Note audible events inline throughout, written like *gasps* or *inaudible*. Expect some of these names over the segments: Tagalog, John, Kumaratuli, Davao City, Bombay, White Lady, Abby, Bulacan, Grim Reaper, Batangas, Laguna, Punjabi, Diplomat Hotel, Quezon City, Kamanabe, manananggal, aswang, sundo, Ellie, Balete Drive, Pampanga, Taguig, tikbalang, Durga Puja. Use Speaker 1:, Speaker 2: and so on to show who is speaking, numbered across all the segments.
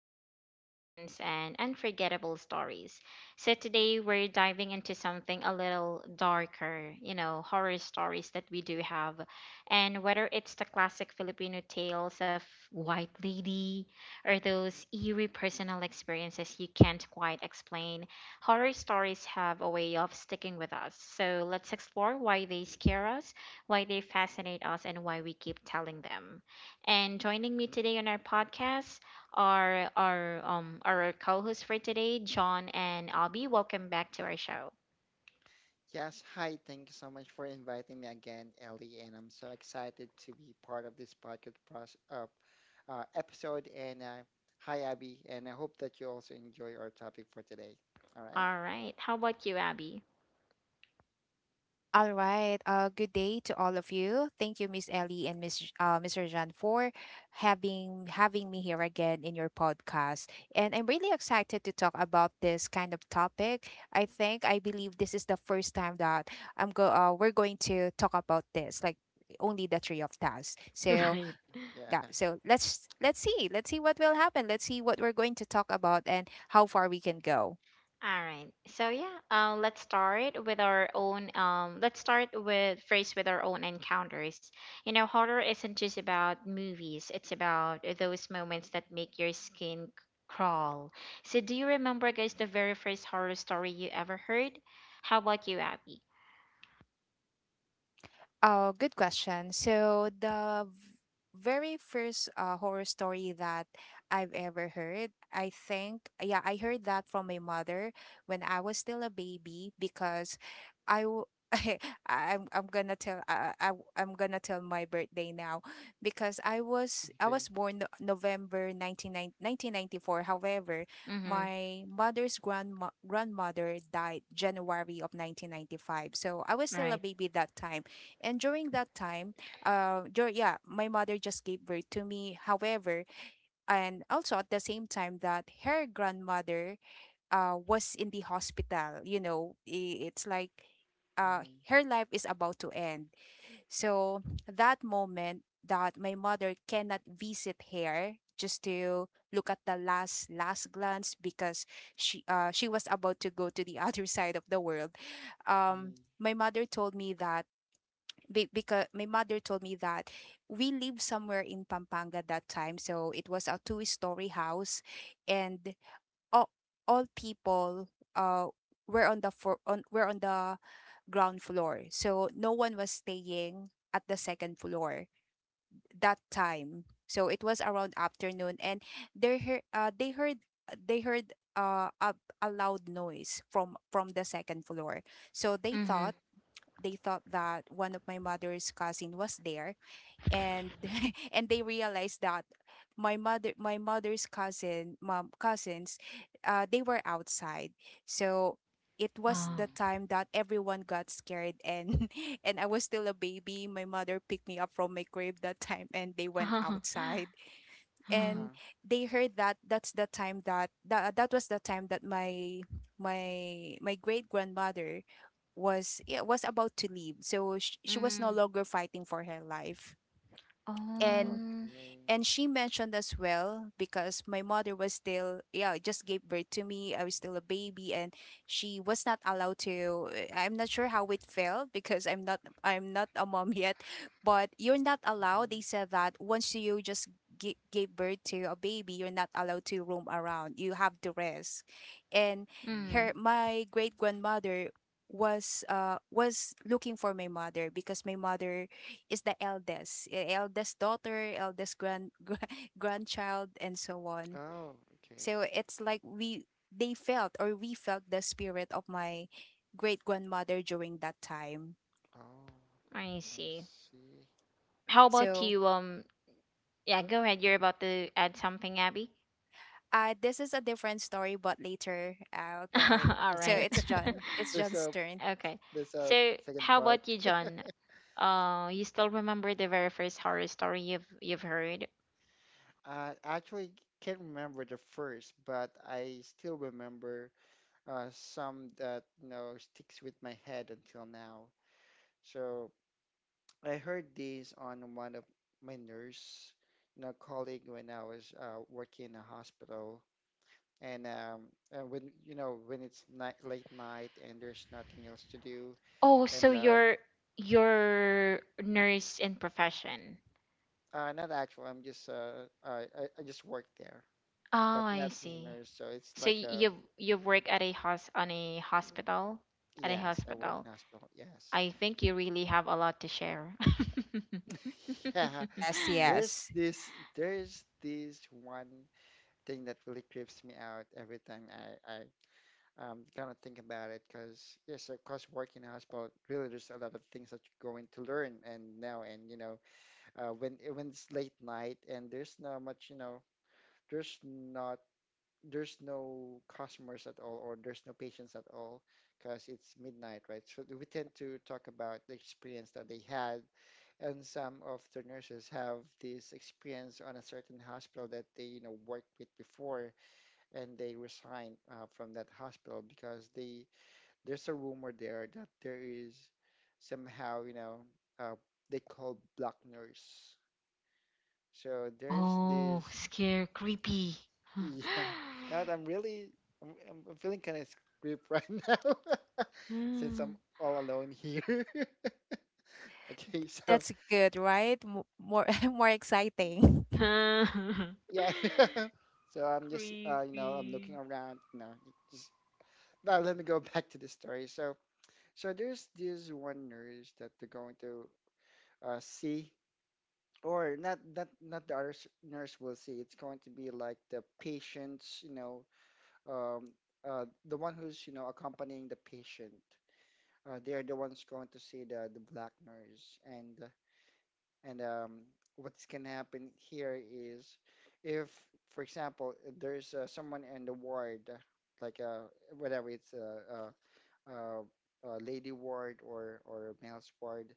Speaker 1: life's big questions and unforgettable stories. So, today we're diving into something a little darker, horror stories that we do have. And whether it's the classic Filipino tales of White Lady or those eerie personal experiences you can't quite explain, horror stories have a way of sticking with us. So, let's explore why they scare us, why they fascinate us, and why we keep telling them. And joining me today on our podcast are our co-hosts for today, John and Abby. Welcome back to our show.
Speaker 2: Yes, hi. Thank you so much for inviting me again, Ellie. And I'm so excited to be part of this podcast process, episode. And hi, Abby. And I hope that you also enjoy our topic for today. All right?
Speaker 1: All right. How about you, Abby?
Speaker 3: All right. Good day to all of you. Thank you, Miss Ellie and Mr. John for having me here again in your podcast. And I'm really excited to talk about this kind of topic. I think I believe this is the first time that I'm go. We're going to talk about this, like only the three of us.
Speaker 1: *laughs*
Speaker 3: So
Speaker 1: Right.
Speaker 2: Yeah.
Speaker 3: yeah.
Speaker 2: *laughs*
Speaker 3: So let's see. Let's see what will happen. Let's see what we're going to talk about and how far we can go.
Speaker 1: All right. So yeah, let's start with our own. Let's start with first with our own encounters. Horror isn't just about movies. It's about those moments that make your skin crawl. So do you remember, guys, the very first horror story you ever heard? How about you, Abby?
Speaker 3: Oh, good question. So the very first horror story that I've ever heard, I think, yeah, I heard that from my mother when I was still a baby because I w- *laughs* I- I'm gonna tell my birthday now because I was I
Speaker 2: Okay.
Speaker 3: was born November 19, 1994. However,
Speaker 1: Mm-hmm.
Speaker 3: my mother's grandma grandmother died January of 1995. So I was still a
Speaker 1: Right.
Speaker 3: baby that time, and during that time, yeah, my mother just gave birth to me. However, and also at the same time that her grandmother was in the hospital, it's like
Speaker 2: Mm,
Speaker 3: her life is about to end. So that moment that my mother cannot visit her just to look at the last glance, because she was about to go to the *laughs* other side of the world, um
Speaker 2: mm,
Speaker 3: my mother told me that because my mother told me that we lived somewhere in Pampanga that time. So it was a two-story house, and all, all people uh were on the ground floor. So no one was staying at the second floor that time. So it was around afternoon, and they heard they heard uh, a, a loud noise from the second floor. So they
Speaker 1: Mm-hmm.
Speaker 3: thought that one of my mother's cousin was there, and *laughs* and they realized that my mother's cousins they were outside. So it was
Speaker 1: Wow.
Speaker 3: the
Speaker 2: mm.
Speaker 3: time that everyone got scared, and *laughs* and I was still a baby. My mother picked me up from my crib that time, and they
Speaker 1: *laughs*
Speaker 3: went
Speaker 1: Mm-hmm.
Speaker 3: outside.
Speaker 2: Uh-huh.
Speaker 3: And they heard that that was the time that my great grandmother was yeah, was about to leave, so she was no
Speaker 1: Mm-hmm.
Speaker 3: longer fighting for her life.
Speaker 2: Oh,
Speaker 3: And
Speaker 1: Oh.
Speaker 2: okay.
Speaker 3: she mentioned as well, because my mother was still, yeah, just gave birth to me. I was still a baby, and she was not allowed to. I'm not sure how it felt because I'm not a mom *laughs* yet, but you're not allowed.
Speaker 2: Mm,
Speaker 3: They said that once you just gave birth to a baby, you're not allowed to roam around. You have to rest. And
Speaker 1: Mm.
Speaker 3: her
Speaker 2: mm.
Speaker 3: my great grandmother was looking for my mother, because my mother is the eldest daughter, eldest grand, *laughs* grandchild, and so on.
Speaker 2: Oh, okay.
Speaker 3: So it's like we felt the spirit of my great grandmother during that time.
Speaker 2: Oh,
Speaker 1: I
Speaker 2: I
Speaker 1: see.
Speaker 2: see.
Speaker 1: How about
Speaker 3: So
Speaker 1: you, yeah, go ahead. You're about to add something, Abby.
Speaker 3: uh, this is a different story, but later I'll tell it.
Speaker 1: *laughs* All
Speaker 3: So
Speaker 1: right.
Speaker 3: it's John.
Speaker 2: *laughs*
Speaker 3: It's
Speaker 2: There's
Speaker 3: John's
Speaker 2: a
Speaker 3: turn.
Speaker 1: *laughs* Okay.
Speaker 2: there's a
Speaker 1: So,
Speaker 2: second
Speaker 1: how
Speaker 2: part.
Speaker 1: about you, John? You still remember the very first horror story you've heard?
Speaker 2: I actually can't remember the first, but I still remember some that sticks with my head until now. So I heard these on one of my nurse, you know, colleague when I was working in a hospital, and um, and when you know when it's night, late night and there's nothing else to do,
Speaker 1: Oh, so
Speaker 2: and
Speaker 1: you're nurse in profession.
Speaker 2: not actual, I'm just uh, I just work there,
Speaker 1: Oh,
Speaker 2: but
Speaker 1: I
Speaker 2: not as a
Speaker 1: see.
Speaker 2: nurse, so it's
Speaker 1: So
Speaker 2: like a
Speaker 1: you've worked at a hos on a hospital, at a
Speaker 2: yes, I work
Speaker 1: hospital.
Speaker 2: in hospital, yes.
Speaker 1: I think you really have a lot to share.
Speaker 2: *laughs* Yeah,
Speaker 3: Yes,
Speaker 1: *laughs*
Speaker 2: there's
Speaker 3: yes.
Speaker 2: this there's this one thing that really creeps me out every time I kind of think about it because yes, of course, working in a hospital really there's a lot of things that you're going to learn and now and you know when it's late night and there's not much you know there's not there's no customers at all or there's no patients at all because it's midnight, right? So we tend to talk about the experience that they had and some of the nurses have this experience on a certain hospital that they you know worked with before and they resign from that hospital because they there's a rumor there that there is somehow you know uh, they call black nurse so there's
Speaker 1: Oh,
Speaker 2: this
Speaker 1: scare, creepy. *laughs*
Speaker 2: *laughs* yeah now that I'm really I'm feeling kind of creep right *laughs* now *laughs* since I'm
Speaker 1: Mm.
Speaker 2: all alone here *laughs* okay so
Speaker 3: That's good, right? More *laughs* more exciting. *laughs*
Speaker 1: *laughs*
Speaker 2: yeah. *laughs* So I'm just you know I'm
Speaker 1: Creepy.
Speaker 2: looking around. You know, just now let me go *laughs* back to the story. So there's this one nurse that they're going to see, or not the other nurse will see. It's going to be like the patient's you know um, the one who's you know accompanying the patient. They are the ones going to see the black nurse and what can happen here is if, for example, there's someone in the ward, like uh, whatever it's a, a, a lady ward or a male's ward,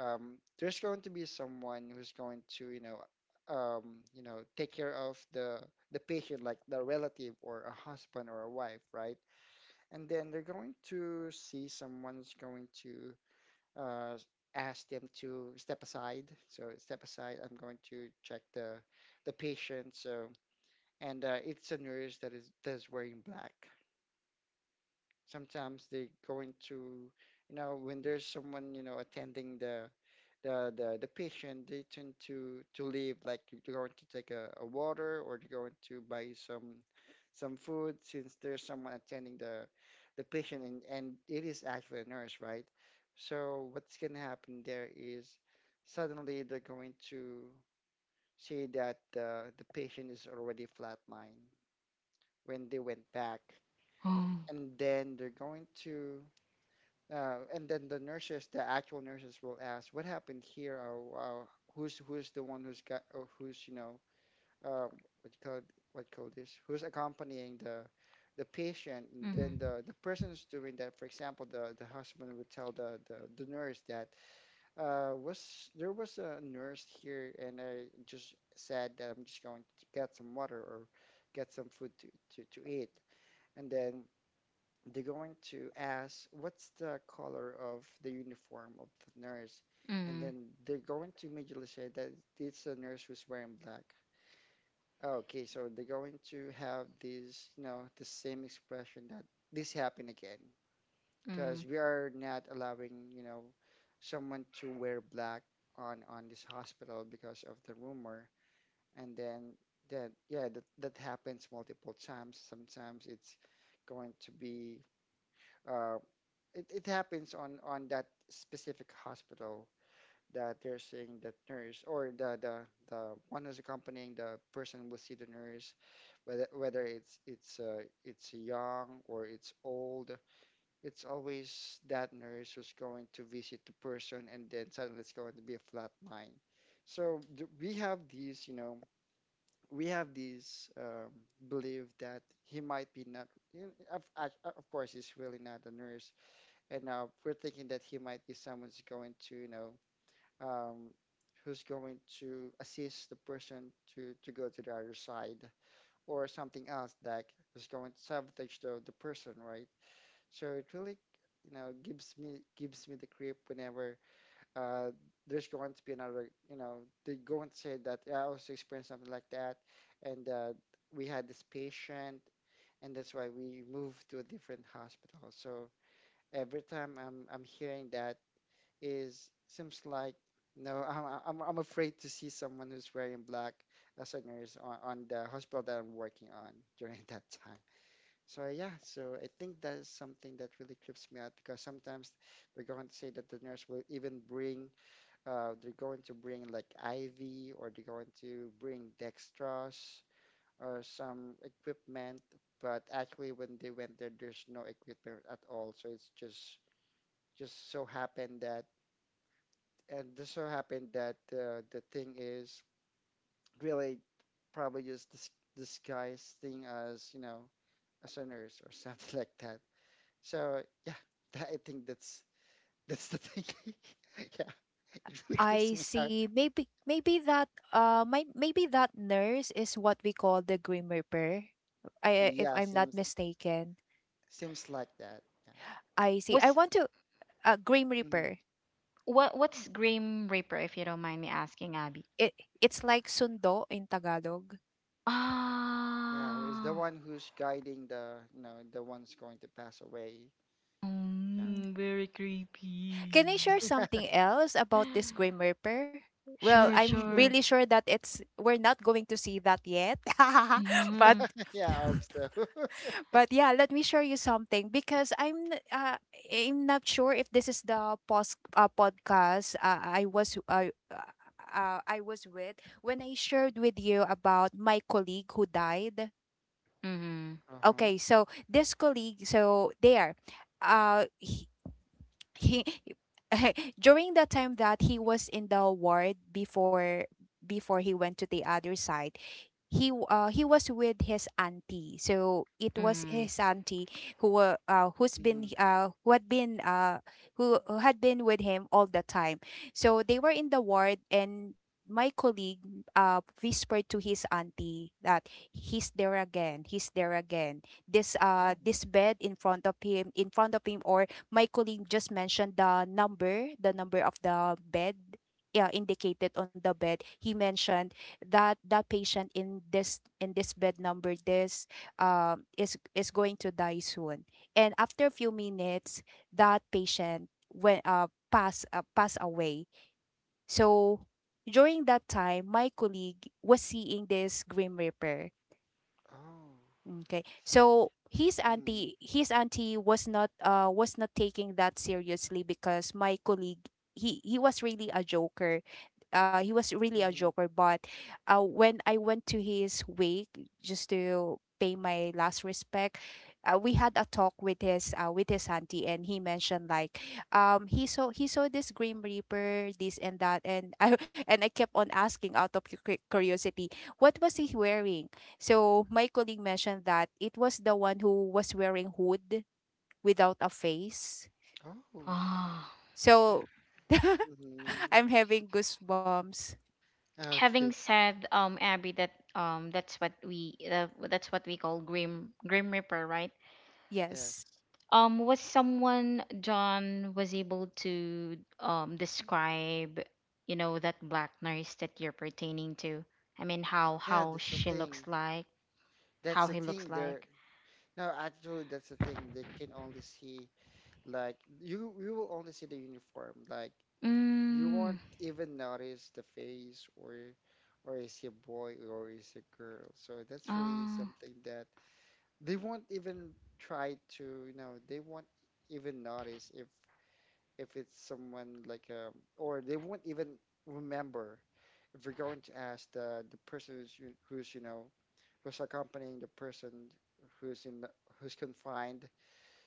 Speaker 2: there's going to be someone who's going to, um, you know, take care of the patient, like the relative or a husband or a wife, right? And then they're going to see someone's going to uh, ask them to step aside. So step aside. I'm going to check the patient. So and it's a nurse that is wearing black. Sometimes they going to, you know, when there's someone you know attending the the patient they tend to leave like they're going to take a water or they're going to buy some food since there's someone attending the patient and it is actually a nurse right so what's going to happen there is suddenly they're going to see that the patient is already flatlined when they went back
Speaker 1: Oh.
Speaker 2: and then they're going to and then the nurses, the actual nurses, will ask, "What happened here? Or, wow, who's who's the one who's got or who's you know uh, what you call it- what you call this? Who's accompanying the patient?" And then
Speaker 1: Mm-hmm.
Speaker 2: the person who's doing that, for example, the, husband would tell the nurse that was there was a nurse here, and I just said that I'm just going to get some water or get some food to eat, and then they're going to ask, what's the color of the uniform of the nurse? And
Speaker 1: Mm-hmm.
Speaker 2: then they're going to immediately say that it's a nurse who's wearing black. Okay, so they're going to have this, you know, the same expression that this happened again because we are not allowing, you know, someone to wear black on this hospital because of the rumor. And then that, yeah, that happens multiple times. Sometimes it's going to be uh, it, it happens on that specific hospital that they're seeing that nurse or the one who's accompanying the person will see the nurse whether it's young or it's old, it's always that nurse who's going to visit the person and then suddenly it's going to be a flat line so d we have these you know we have these belief that he might be not you know, of course he's really not a nurse and we're thinking that he might be someone who's going to, you know, um, who's going to assist the person to go to the other side or something else that is going to sabotage the person, right? So it really, you know, gives me the creep whenever uh, there's going to be another, you know, they're going to say that "Yeah, I also experienced something like that, and we had this patient, and that's why we moved to a different hospital. So every time I'm hearing that is seems like no, I'm afraid to see someone who's wearing black as a nurse on the hospital that I'm working on *laughs* during that time. So yeah, so I think that is something that really trips me out because sometimes they're going to say that the nurse will even bring they're going to bring like IV or they're going to bring dextrose or some equipment, but actually when they went there, there's no equipment at all. So it's just so happened that and just so happened that the thing is really probably just disguising as you know as a nurse or something *laughs* like that. So yeah, that, I think that's the thing. *laughs* Yeah, it really creeps
Speaker 3: I
Speaker 2: me out.
Speaker 3: see. Maybe that nurse is what we call the Grim Reaper. I If
Speaker 2: Yeah,
Speaker 3: I'm not mistaken.
Speaker 2: seems like that. Yeah,
Speaker 3: I see. I
Speaker 1: What's
Speaker 3: want to Grim
Speaker 2: hmm,
Speaker 3: Reaper.
Speaker 1: what's Grim Reaper if you don't mind me asking, Abby?
Speaker 3: It it's like sundo in Tagalog.
Speaker 2: yeah, who is the
Speaker 1: Ah,
Speaker 2: one who's guiding the you know the one's going to pass away?
Speaker 3: Mm.
Speaker 1: very
Speaker 3: Can
Speaker 1: creepy.
Speaker 3: I share
Speaker 2: Yeah,
Speaker 3: something else about this Grim
Speaker 1: *gasps*
Speaker 3: Reaper?
Speaker 2: *laughs*
Speaker 3: Well,
Speaker 2: yeah,
Speaker 1: Sure,
Speaker 2: sure,
Speaker 3: I'm really
Speaker 2: sure.
Speaker 1: sure.
Speaker 3: sure that it's we're not going to see that yet. *laughs* but
Speaker 1: Mm-hmm.
Speaker 2: *laughs* Yeah, I
Speaker 3: *laughs*
Speaker 2: hope so. *laughs* Uh
Speaker 3: But yeah, let me show you something, because I'm not sure if this is the podcast I was with when I shared with you about my colleague who died.
Speaker 1: Mm-hmm.
Speaker 2: huh.
Speaker 3: Okay, so this colleague, uh, he, he *laughs* during the time that he was in the ward, before he went to the other side, he was with his auntie. So it was
Speaker 1: Mm-hmm.
Speaker 3: his auntie who were uh, who's been
Speaker 2: Hmm.
Speaker 3: uh, who had been uh, who had been with him all the time. So they were in the ward, and my colleague whispered to his auntie that he's there again, he's there again. this uh
Speaker 2: Oh,
Speaker 3: this bed in front of him, or my colleague just mentioned the number of the bed, yeah, indicated on the bed. He mentioned that that patient in this bed number this is going to die soon. And after a few minutes, that patient went pass pass away. So during that time, my colleague was seeing this Grim Reaper.
Speaker 2: oh.
Speaker 3: Okay. So his
Speaker 2: Hmm.
Speaker 3: auntie his auntie was not taking that seriously, because my colleague, he was really a joker. He was really a joker, but when I went to his wake just to pay my last respect, we had a talk with his auntie, and he mentioned like he saw this Grim Reaper, this and that. And I *laughs* and I kept on asking out of curiosity what was he wearing. So my colleague mentioned that it was the one who was wearing hood without a face.
Speaker 2: Oh.
Speaker 1: Ah.
Speaker 3: So *laughs*
Speaker 2: Mm-hmm.
Speaker 3: I'm having goosebumps.
Speaker 1: Having
Speaker 2: Okay.
Speaker 1: said, Abby, that, that's what we, that's what we call Grim Reaper, right?
Speaker 3: Yes.
Speaker 2: Yes.
Speaker 1: Was someone, John, was able to describe, that black nurse that you're pertaining to? I mean, how
Speaker 2: Yeah,
Speaker 1: how
Speaker 2: that's the
Speaker 1: she looks
Speaker 2: thing.
Speaker 1: like, how
Speaker 2: That's the
Speaker 1: he looks
Speaker 2: thing. There.
Speaker 1: like?
Speaker 2: No, actually, that's the thing. They can only see like you. You will only see the uniform. Like you
Speaker 1: mm
Speaker 2: won't even notice the face or is he a boy or is he a girl. So that's really
Speaker 1: oh.
Speaker 2: something that they won't even try to. You know, they won't even notice if it's someone like or they won't even remember. We're going to ask the person who's, who's you know who's accompanying the person who's who's confined.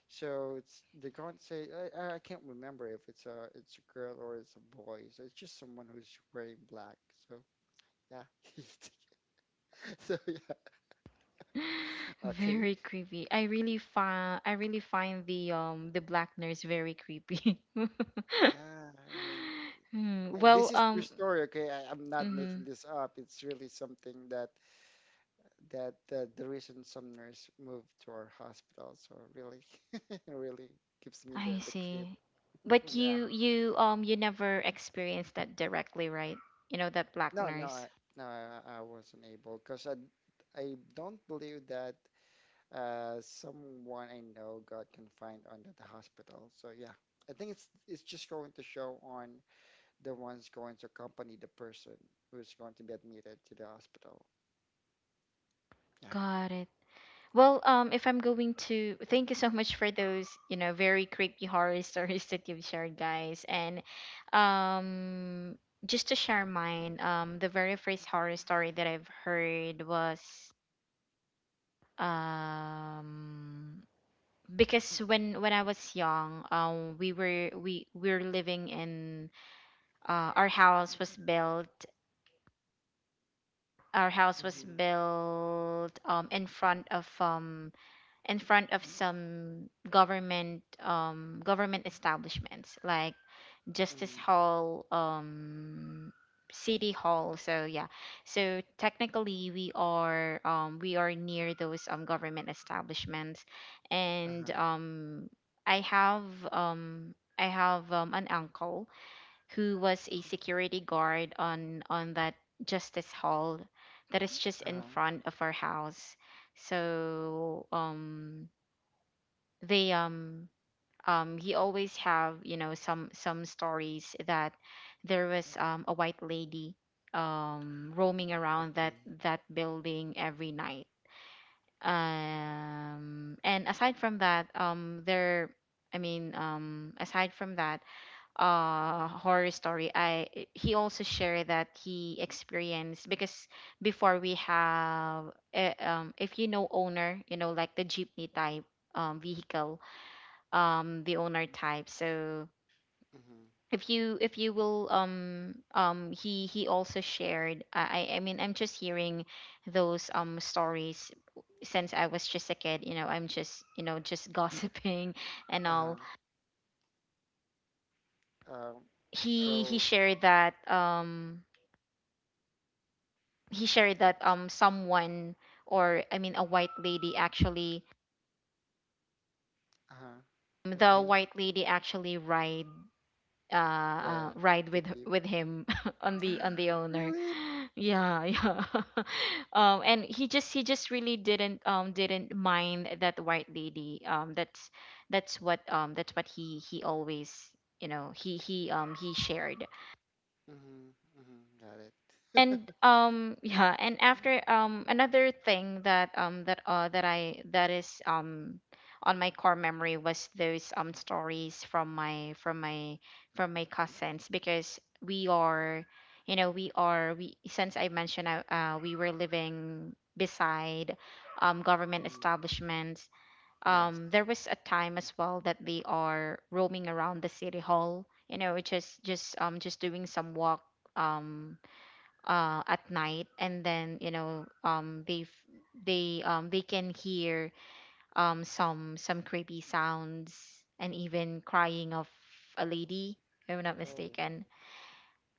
Speaker 2: So it's they're going to say I can't remember if it's a it's a girl or it's a boy. So it's just someone who's wearing black. So yeah, *laughs* so yeah,
Speaker 1: *laughs* *gasps*
Speaker 2: okay,
Speaker 1: Very creepy. I really find the the black nurse very creepy. *laughs*
Speaker 2: yeah. I mean,
Speaker 1: Hmm.
Speaker 2: and
Speaker 1: Well,
Speaker 2: this is true story. Okay, I'm not
Speaker 1: mm-hmm.
Speaker 2: making this up. It's really something that the reason some nurse moved to our hospital so really *laughs* really gives me the
Speaker 1: I
Speaker 2: creep.
Speaker 1: see.
Speaker 2: *laughs*
Speaker 1: But
Speaker 2: Yeah,
Speaker 1: you never experienced that directly, right? That black
Speaker 2: no no
Speaker 1: nurse.
Speaker 2: I, no I, I wasn't able because I don't believe that someone I know got confined under the hospital so yeah I think it's just going to show on the ones going to accompany the person who's going to be admitted to the hospital yeah.
Speaker 1: Got it. Well, if I'm going to, thank you so much for those, very creepy horror *laughs* stories that you've shared, guys. And, um, just to share mine, the very first horror story that I've heard was, um, because when I was young, we were living in, uh, our house was built our house was
Speaker 2: Mm-hmm.
Speaker 1: built in front of, in front of some government, government establishments, like justice
Speaker 2: Mm-hmm.
Speaker 1: hall, city hall. So yeah, so technically we are, we are near those government establishments. And
Speaker 2: Uh-huh.
Speaker 1: i have I have an uncle who was a security guard on that justice hall, that is just in
Speaker 2: Uh-huh.
Speaker 1: front of our house. So they he always have, some stories that there was, a white lady, roaming around that
Speaker 2: Okay.
Speaker 1: that building every night. And aside from that, there I mean, aside from that horror story, I — he also shared that he experienced, because before we have, if you know, owner, like the jeepney type vehicle, the owner type. So
Speaker 2: Mm-hmm.
Speaker 1: if you will, he also shared, I mean, I'm just hearing those stories, since I was just a kid, I'm just you know just *laughs* gossiping and
Speaker 2: Uh-huh.
Speaker 1: all.
Speaker 2: Um,
Speaker 1: He
Speaker 2: so
Speaker 1: shared that, he shared that,
Speaker 2: yes,
Speaker 1: someone, or I mean a white lady, actually,
Speaker 2: uh-huh.
Speaker 1: the
Speaker 2: Okay,
Speaker 1: white lady actually ride,
Speaker 2: the
Speaker 1: ride
Speaker 2: the
Speaker 1: with
Speaker 2: Jeep.
Speaker 1: with him *laughs* on the on
Speaker 2: *gasps*
Speaker 1: the owner.
Speaker 2: Really?
Speaker 1: *laughs* Yeah, yeah. *laughs* And he just really didn't, didn't mind that white lady. That's what, that's what he always, he shared.
Speaker 2: Mm-hmm, mm-hmm, got it.
Speaker 1: And
Speaker 2: *laughs*
Speaker 1: yeah. And after, another thing that is, on my core memory was those stories from my, from my cousins, because we are, you know, we are we, since I mentioned, we were living beside government
Speaker 2: Mm.
Speaker 1: establishments.
Speaker 2: Yes.
Speaker 1: There was a time as well that they are roaming around the city hall, you know, just doing some walk, um at night, and then you know, they f- they can hear, some creepy sounds, and even crying of a lady, if I'm not
Speaker 2: Oh,
Speaker 1: mistaken.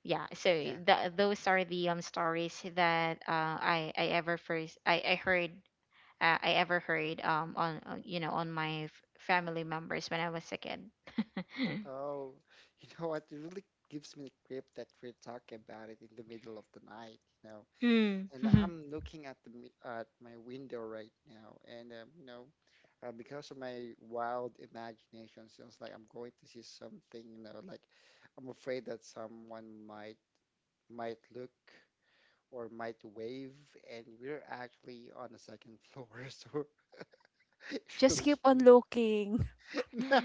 Speaker 1: Yeah, so
Speaker 2: yeah.
Speaker 1: that those are the, stories that, I ever first I heard, I ever heard, on, you know, on my family members when I was a kid. *laughs*
Speaker 2: Oh, *laughs* you know what? It really gives me the grip that we're talking about it in the middle of the night, you know.
Speaker 1: Mm.
Speaker 2: And
Speaker 1: *laughs*
Speaker 2: I'm looking at the at my window right now, and you know, because of my wild imagination, sounds like I'm going to see something, you know, like I'm afraid that someone might look or might wave, and we're actually on the second floor, *laughs* so *laughs*
Speaker 3: Just
Speaker 2: really
Speaker 3: keep on
Speaker 2: giving
Speaker 3: looking.
Speaker 2: *laughs* no,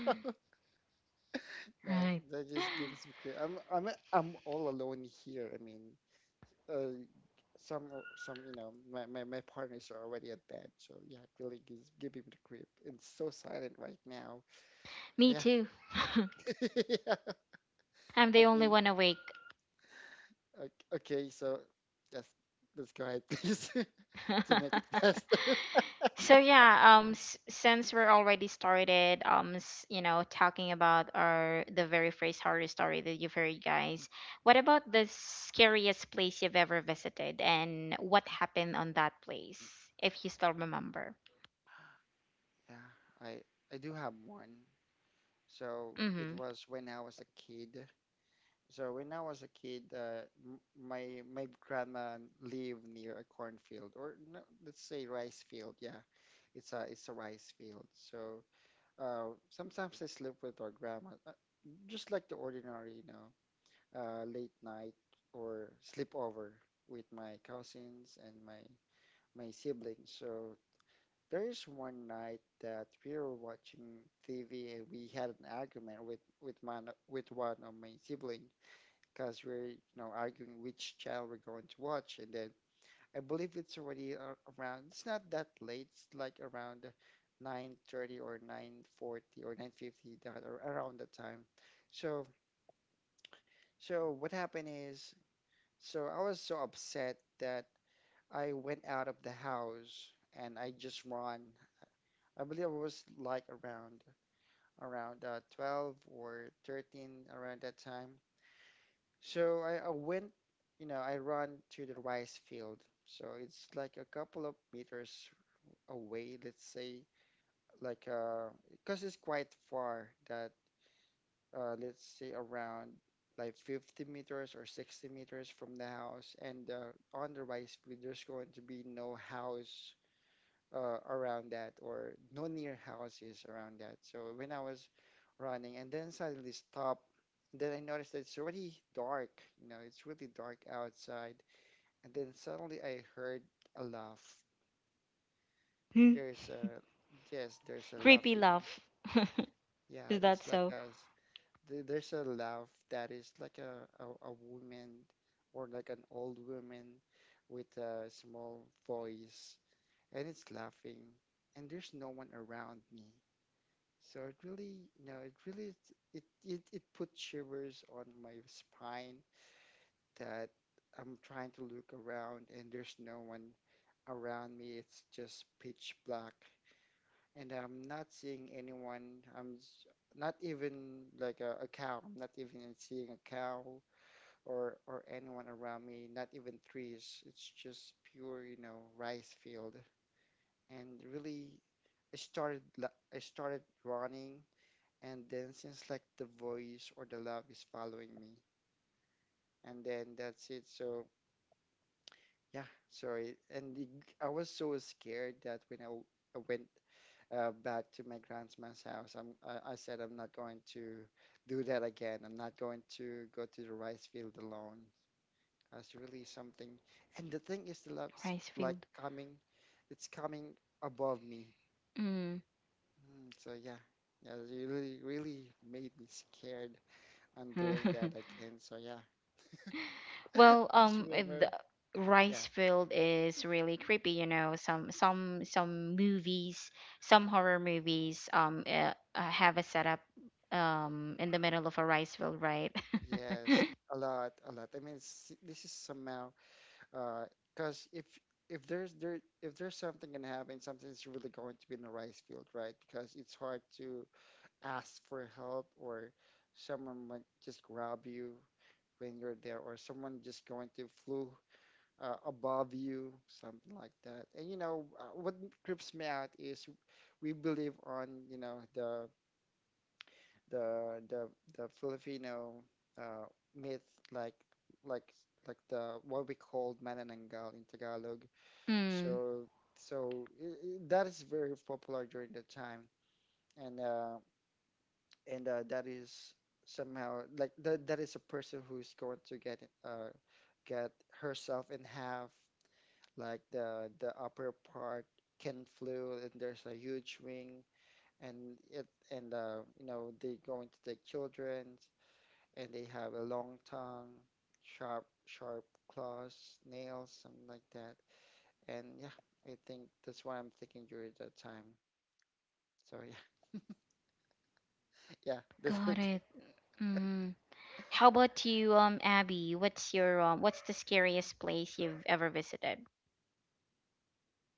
Speaker 2: no,
Speaker 1: Right.
Speaker 2: that just gives me clear. I'm all alone here. I mean, uh, some some you know my my partners are already at bed, so yeah, it really gives give me the creep. It's so silent right now.
Speaker 1: *laughs* Me
Speaker 2: So yeah,
Speaker 1: too.
Speaker 2: *laughs* yeah.
Speaker 1: *laughs* I'm the only
Speaker 2: Okay,
Speaker 1: one awake.
Speaker 2: okay, so that's let's go ahead, please, *laughs* to make it *laughs* faster.
Speaker 1: *laughs* So yeah, since we're already started, you know, talking about our — the very first horror story that you've heard, guys, what about the scariest place you've ever visited, and what happened on that place, if you still remember?
Speaker 2: Yeah, I I do have one. So it
Speaker 1: Mm-hmm.
Speaker 2: was when I was a kid. So when I was a kid, my grandma lived near a cornfield, or no, let's say rice field. Yeah, it's a rice field. So sometimes I sleep with our grandma, just like the ordinary, late night or sleepover with my cousins and my siblings. So there's one night that we were watching TV and we had an argument with one of my siblings. Because we're arguing which channel we're going to watch, and then I believe it's already around, it's not that late, it's like around 9:30 or 9:40 or 9:50, that, or around that time. So so what happened is, so I was so upset that I went out of the house and I just run. I believe it was like around 12 or 13 around that time. So I went, I run to the rice field. So it's like a couple of meters away, let's say, like, because it's quite far that, let's say around like 50 meters or 60 meters from the house. And on the rice field there's going to be no house around that, or no near houses around that. So when I was running and then suddenly stop, then I noticed that it's already dark, it's really dark outside. And then suddenly I heard a laugh. There's a, yes, there's a
Speaker 1: Creepy
Speaker 2: laughing.
Speaker 1: love.
Speaker 2: Yeah,
Speaker 1: Is
Speaker 2: it's
Speaker 1: that so?
Speaker 2: there's a laugh that is like a woman, or like an old woman with a small voice, and it's laughing, and there's no one around me. So it really it it it put shivers on my spine, that I'm trying to look around and there's no one around me. It's just pitch black, and I'm not seeing anyone. Not even like a cow. I'm not even seeing a cow or anyone around me. Not even trees. It's just pure, rice field. And really, I started running, and then since like the voice or the love is following me, and then that's it. So yeah, sorry, I was so scared that when I went back to my grandma's house. I said I'm not going to do that again. I'm not going to go to the rice field alone. That's really something. And the thing is, the love is
Speaker 1: Rice
Speaker 2: like
Speaker 1: field.
Speaker 2: coming, it's coming above me.
Speaker 1: Mm.
Speaker 2: So yeah. Yeah, it really, really made me scared on doing that
Speaker 1: *laughs*
Speaker 2: again. So yeah.
Speaker 1: Well,
Speaker 2: *laughs* Just
Speaker 1: the
Speaker 2: remembered. Yeah.
Speaker 1: rice field is really creepy. You know, some, movies, some horror movies, have a setup, in the middle of a rice field, right? *laughs*
Speaker 2: Yes. A lot, a lot. I mean, s this is somehow, uh, because if there's there if there's something gonna happen, something's really going to be in the rice field, right? Because it's hard to ask for help, or someone might just grab you when you're there, or someone just going to flew above you, something like that. And what creeps me out is, we believe on the the the Filipino uh, myth, like like the what we call manananggal in Tagalog.
Speaker 1: Mm,
Speaker 2: So that is very popular during that time. And uh, and uh, that is somehow like that, that is a person who's going to uh get herself in half, like the upper part can flew, and there's a huge wing. And they're going to take children, and they have a long tongue, sharp, sharp claws, nails, something like that. And yeah, I think that's what I'm thinking during that time. So yeah. *laughs* Yeah. This is.
Speaker 1: got it. Mm. How about you, Abby? What's your, what's the scariest place you've ever visited?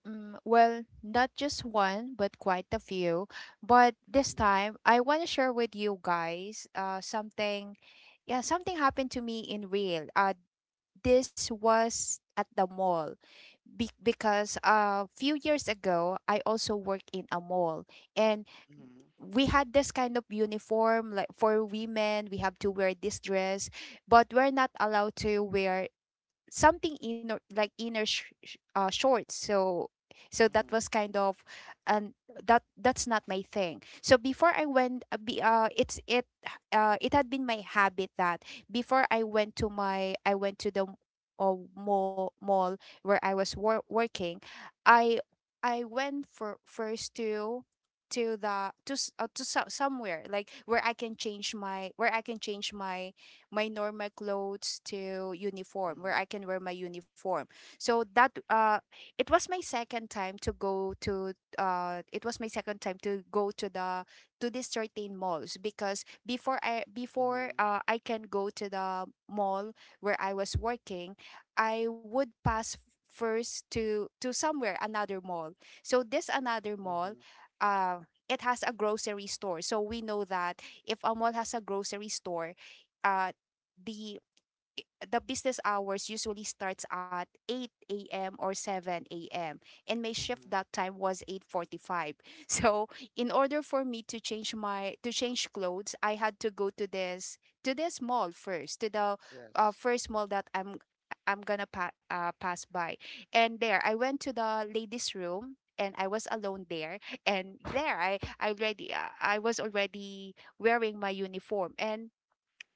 Speaker 3: Mm, well, not just one, but quite a few. But this
Speaker 2: Mm-hmm,
Speaker 3: time, I want to share with you guys something. Yeah, something happened to me in real. This was at the mall, because a few years ago, I also worked in a mall. And
Speaker 2: mm-hmm,
Speaker 3: we had this kind of uniform. Like for women, we have to wear this dress, but we're not allowed to wear something inner, like inner shorts. So that
Speaker 2: mm-hmm,
Speaker 3: was kind of, and that's not my thing. So before I went, be, it's it it had been my habit that before I went to the mall where I was working, i I went for first to the to s- to so- somewhere like where I can change my where I can change my normal clothes to uniform, where I can wear my uniform. So that, it was my second time to go to it was my second time to go to the to these certain malls, because before I, before
Speaker 2: mm-hmm,
Speaker 3: I can go to the mall where I was working, I would pass first to somewhere, another mall. So this another mall,
Speaker 2: mm-hmm,
Speaker 3: uh it has a grocery store. So we know that if a mall has a grocery store, uh, the the business hours usually starts at 8 a.m. or 7 a.m., and my shift
Speaker 2: mm-hmm.
Speaker 3: that time was 8:45. *laughs* So, in order for me to change clothes, I had to go to this mall first, to the
Speaker 2: Yes.
Speaker 3: first mall that I'm gonna pass by. And there, I went to the ladies' room, and I was alone there. And there, I was already wearing my uniform, and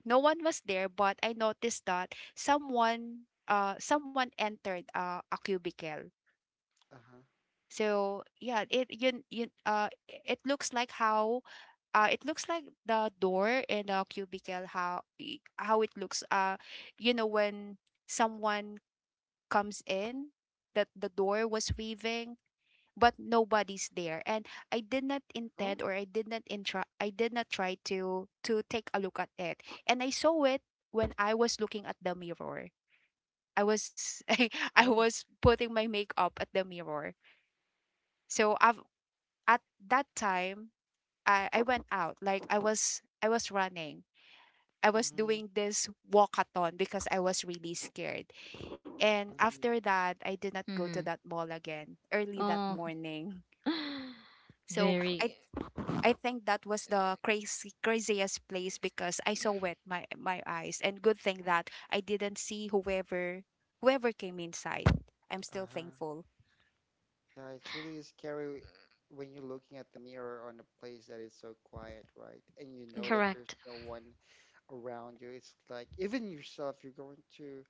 Speaker 3: no one was there, but I noticed that someone entered a cubicle.
Speaker 2: Uh-huh.
Speaker 3: So yeah, it you, you it looks like the door in the cubicle, how it looks, you know, when someone comes in, that the door was waving, but nobody's there. And I did not
Speaker 2: Oh,
Speaker 3: intend or I did not intra- I did not try to take a look at it, and I saw it when I was looking at the mirror. I was *laughs* i I
Speaker 2: oh.
Speaker 3: was putting my makeup at the mirror. So I've at that time, I went out. Like, I was running. I was
Speaker 2: Mm-hmm,
Speaker 3: doing this walkathon because I was really scared, and
Speaker 2: mm-hmm.
Speaker 3: after that, I did not go to
Speaker 1: Mm-hmm.
Speaker 3: that mall again early that
Speaker 1: Oh,
Speaker 3: morning.
Speaker 1: *gasps*
Speaker 3: So I
Speaker 1: very
Speaker 3: I think that was the crazy craziest place, because I saw with my eyes, and good thing that I didn't see whoever came inside. I'm still
Speaker 2: Uh-huh.
Speaker 3: thankful.
Speaker 2: Yeah, it's really scary when you're looking at the mirror on a place that is so quiet, right? And you know
Speaker 3: Mm,
Speaker 2: that there's
Speaker 1: correct.
Speaker 2: no one around you. It's like even yourself, you're going to,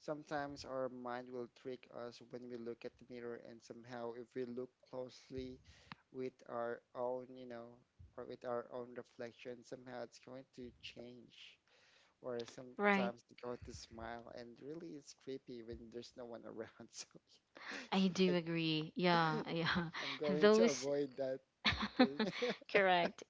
Speaker 2: sometimes our mind will trick us when we look at the mirror, and somehow if we look closely with our own, or with our own reflection, somehow it's going to change. Or
Speaker 1: Right.
Speaker 2: sometimes it's going to smile, and really it's creepy when there's no one around.
Speaker 1: I do
Speaker 2: *laughs*
Speaker 1: agree.
Speaker 2: So
Speaker 1: Yeah,
Speaker 2: yes,
Speaker 1: yeah.
Speaker 2: I'm
Speaker 1: *laughs*
Speaker 2: going to
Speaker 1: Those
Speaker 2: avoid that
Speaker 1: *laughs*
Speaker 2: thing. *laughs*
Speaker 1: Correct.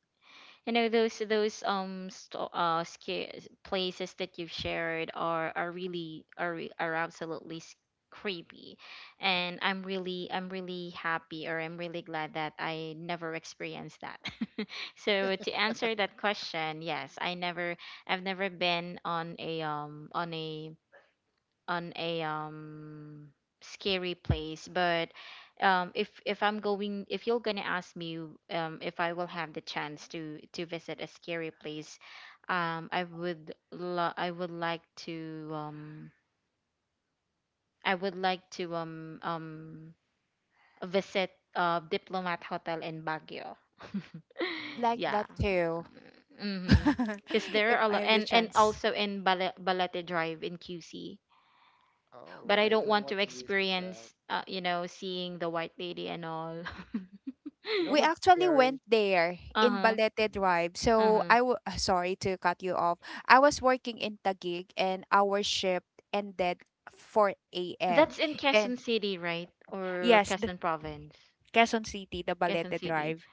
Speaker 1: You know those places that you've shared are really, are are absolutely, creepy, and I'm really — I'm really happy, or I'm really glad that I never experienced that. *laughs* So to answer that question, yes, I never — I've never been on a, on a um scary place, but, if I'm going — if you're gonna ask me, if I will have the chance to visit a scary place, I would I would like to, I would like to, visit, Diplomat Hotel in Baguio.
Speaker 3: I'd
Speaker 1: *laughs*
Speaker 3: like
Speaker 2: Oh.
Speaker 1: Yeah.
Speaker 3: that too,
Speaker 1: Mm-hmm.
Speaker 3: *laughs*
Speaker 1: Because
Speaker 2: Mm.
Speaker 1: there
Speaker 3: if
Speaker 1: are a
Speaker 3: I
Speaker 1: lot,
Speaker 3: have the
Speaker 1: and
Speaker 3: chance.
Speaker 1: also in Balete Drive in QC.
Speaker 2: Oh,
Speaker 1: But I
Speaker 2: I
Speaker 1: don't
Speaker 2: don't
Speaker 1: want
Speaker 2: want
Speaker 1: to
Speaker 2: to visit
Speaker 1: experience,
Speaker 2: that.
Speaker 1: you know, seeing the white lady and all. *laughs*
Speaker 2: You know
Speaker 3: We
Speaker 2: what's
Speaker 3: actually
Speaker 2: scary?
Speaker 3: went there
Speaker 1: uh
Speaker 3: in
Speaker 1: huh.
Speaker 3: Balete
Speaker 2: Mm.
Speaker 3: Drive.
Speaker 1: Uh
Speaker 3: So
Speaker 1: huh.
Speaker 3: sorry to cut you off. I was working in Taguig, and our shift ended 4 a.m.
Speaker 1: That's in
Speaker 3: And
Speaker 1: Quezon City, right? Or
Speaker 3: yes, the.
Speaker 1: Quezon Province?
Speaker 3: Quezon City, the
Speaker 1: Quezon
Speaker 3: Dabalete
Speaker 1: City.
Speaker 3: Drive.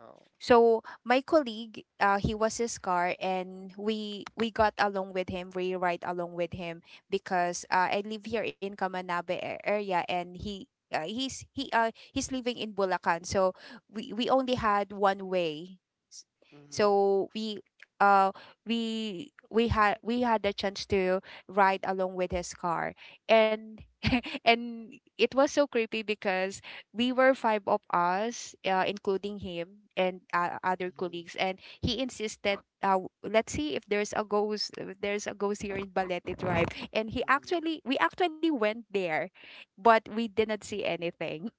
Speaker 2: Oh.
Speaker 3: So my colleague, he was his car, and we got along with him. We ride along with him, because I live here in Kamanabe area, and he he's he he's living in Bulacan. So we only had one way. S-
Speaker 2: Mm-hmm.
Speaker 3: So uh we had the chance to ride along with his car, and *laughs* and it was so creepy because we were five of us, including him and other
Speaker 2: Mm-hmm.
Speaker 3: colleagues, and he insisted, let's see if there's a ghost, if there's a ghost here in Balete Tribe, and
Speaker 2: Mm-hmm.
Speaker 3: we actually went there, but we did not see anything.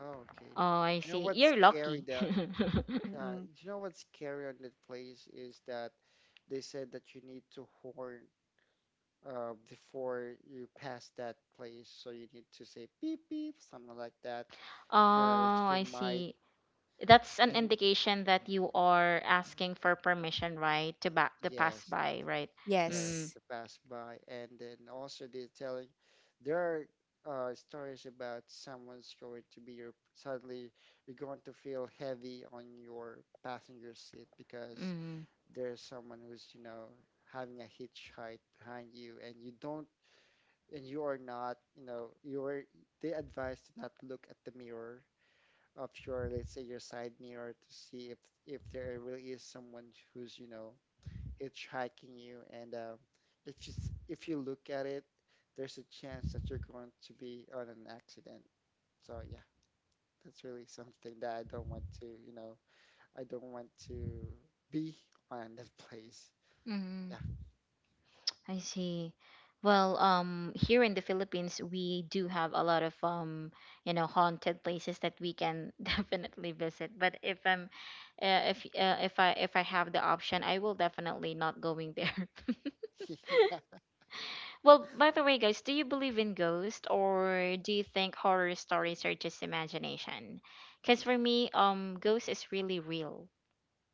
Speaker 2: Oh,
Speaker 1: Oh,
Speaker 2: okay.
Speaker 1: I
Speaker 2: You know
Speaker 1: see.
Speaker 2: what's
Speaker 1: You're
Speaker 2: scary
Speaker 1: lucky.
Speaker 2: that
Speaker 3: *laughs*
Speaker 2: uh,
Speaker 3: Mm-mm.
Speaker 2: you know what's scary on that place is that they said that you need to horn, before you pass that place, so you need to say beep beep, something like that,
Speaker 1: *laughs*
Speaker 2: because
Speaker 1: Oh,
Speaker 2: you
Speaker 1: I
Speaker 2: might.
Speaker 1: see. That's an
Speaker 2: And
Speaker 1: indication that you are asking for permission, right? To back to pass
Speaker 2: yes.
Speaker 1: by, right?
Speaker 2: Yes,
Speaker 1: Mm.
Speaker 3: Yes.
Speaker 2: to pass by. And then also they're telling, there are stories about someone's going to be your, suddenly you're going to feel heavy on your passenger seat, because
Speaker 1: Mm.
Speaker 2: there's someone who's having a hitchhike behind you, and you don't and you are not you know you're they advise to not look at the mirror of your, let's say, your side mirror, to see if there really is someone who's hitchhiking you, and if if you look at it, there's a chance that you're going to be on an accident. So yeah, that's really something that I don't want to be on that place.
Speaker 1: Mm. I see. Well, here in the Philippines, we do have a lot of, you know, haunted places that we can *laughs* definitely visit. But if I'm, if, if I — if I have the option, I will definitely not going there. *laughs*
Speaker 2: Yeah. *laughs* Yeah.
Speaker 1: Well, by the way, guys, do you believe in ghosts, or do you think horror stories are just imagination? Because for me, ghosts is really real.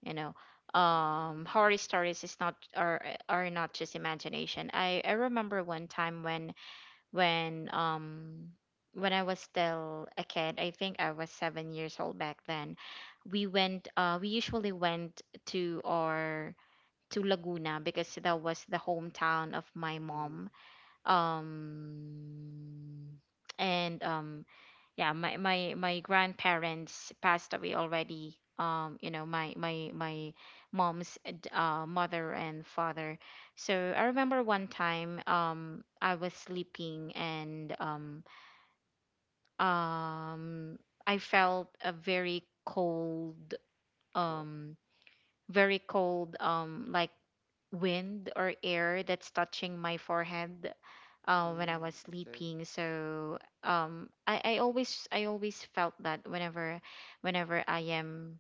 Speaker 1: You know,
Speaker 2: Mm,
Speaker 1: horror stories is not — are are not just imagination. I — I remember one time when, when I was still a kid, I think I was 7 years old back then. We went, we usually went to our, to Laguna, because that was the hometown of my
Speaker 2: mm,
Speaker 1: mom. Um and, yeah, my grandparents passed away already, you know, my mom's, mother and father. So I remember one time, I was sleeping, and, um I felt a very cold,
Speaker 2: oh,
Speaker 1: um very cold, like, wind or air that's touching my forehead, when I
Speaker 2: mm,
Speaker 1: was
Speaker 2: okay.
Speaker 1: sleeping. So, I — I always, I always felt that whenever, whenever I am,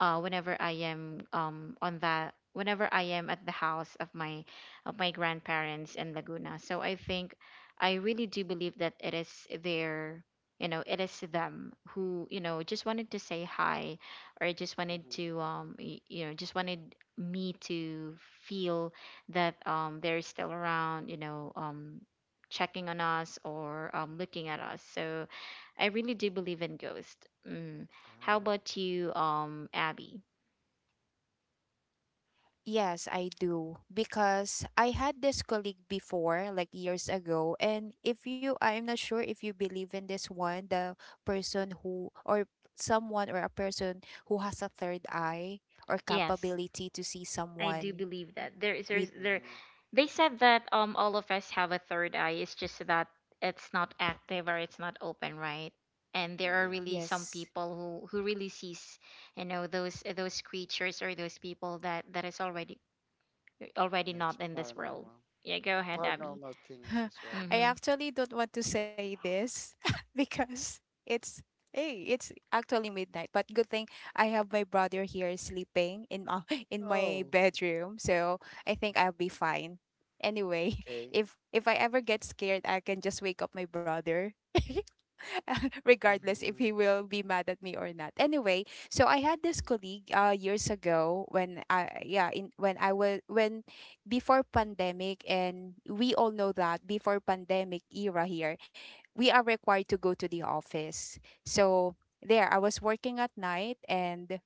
Speaker 1: whenever I am, on that — whenever I am at the house of my, of my grandparents in Laguna. So I think I really do believe that it is their, you know, it is them, who, you know, just wanted to say hi, or just wanted to,
Speaker 2: Mm-hmm,
Speaker 1: you know, just wanted me to feel that, they're still around, you know, checking on us, or looking at
Speaker 2: mm-hmm.
Speaker 1: us. So I really do believe in ghosts. Mm. How
Speaker 2: Oh,
Speaker 1: about you, Abby?
Speaker 3: Yes, I do. Because I had this colleague before, like years ago. And if you, I'm not sure if you believe in this one, the person who, or someone, or a person who has a third eye or
Speaker 1: Yes,
Speaker 3: capability to see
Speaker 1: I do
Speaker 3: someone
Speaker 1: believe that there is,
Speaker 3: with,
Speaker 1: there's there.
Speaker 2: mm-hmm.
Speaker 1: They said that, all of us have a third eye. It's just that it's not active, or it's not open, right? And there are
Speaker 2: Yeah,
Speaker 1: really some
Speaker 3: yes.
Speaker 1: people who really sees, you know, those creatures, or those people that that is already — already
Speaker 2: that's
Speaker 1: not in this world.
Speaker 2: paranormal.
Speaker 1: Yeah, go ahead, Abby.
Speaker 2: Paranormal things
Speaker 3: *laughs*
Speaker 2: as well.
Speaker 3: I
Speaker 1: Mm-hmm.
Speaker 3: actually don't want to say this *laughs* because it's hey, it's actually midnight. But good thing I have my brother here sleeping in my *laughs* in my
Speaker 2: Oh,
Speaker 3: bedroom, so I think I'll be fine. Anyway, *laughs*
Speaker 2: okay.
Speaker 3: if I ever get scared, I can just wake up my brother. *laughs* *laughs* Regardless if he will be mad at me or not. Anyway, so I had this
Speaker 2: Mm-hmm,
Speaker 3: colleague years ago when I yeah in when I was when before pandemic, and we all know that before pandemic era here we are required to go to the office. So there I was working at night, and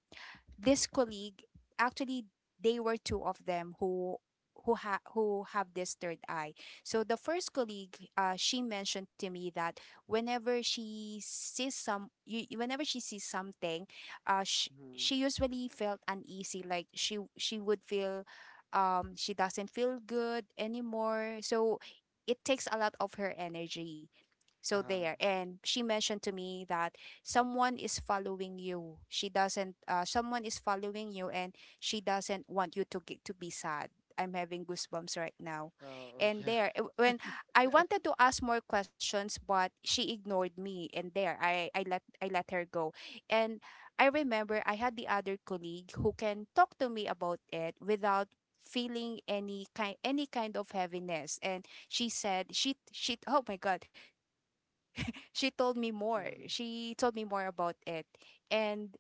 Speaker 3: this colleague actually, they were two of them who have this third eye. So the first colleague, she mentioned to me that whenever she sees something,
Speaker 2: mm-hmm.
Speaker 3: she usually felt uneasy. Like she would feel, she doesn't feel good anymore. So it takes a lot of her energy. So
Speaker 2: Uh,
Speaker 3: there, and she mentioned to me that someone is following you, and she doesn't want you to get to be sad. I'm having goosebumps right now.
Speaker 2: oh. *laughs*
Speaker 3: And
Speaker 2: Yeah.
Speaker 3: there, when I wanted to ask more questions, but she ignored me, and there I let her go. And I remember I had the other colleague who can talk to me about it without feeling any kind of heaviness. And she said she oh my god, she told me more.
Speaker 2: Mm-hmm,
Speaker 3: She told me more about it, and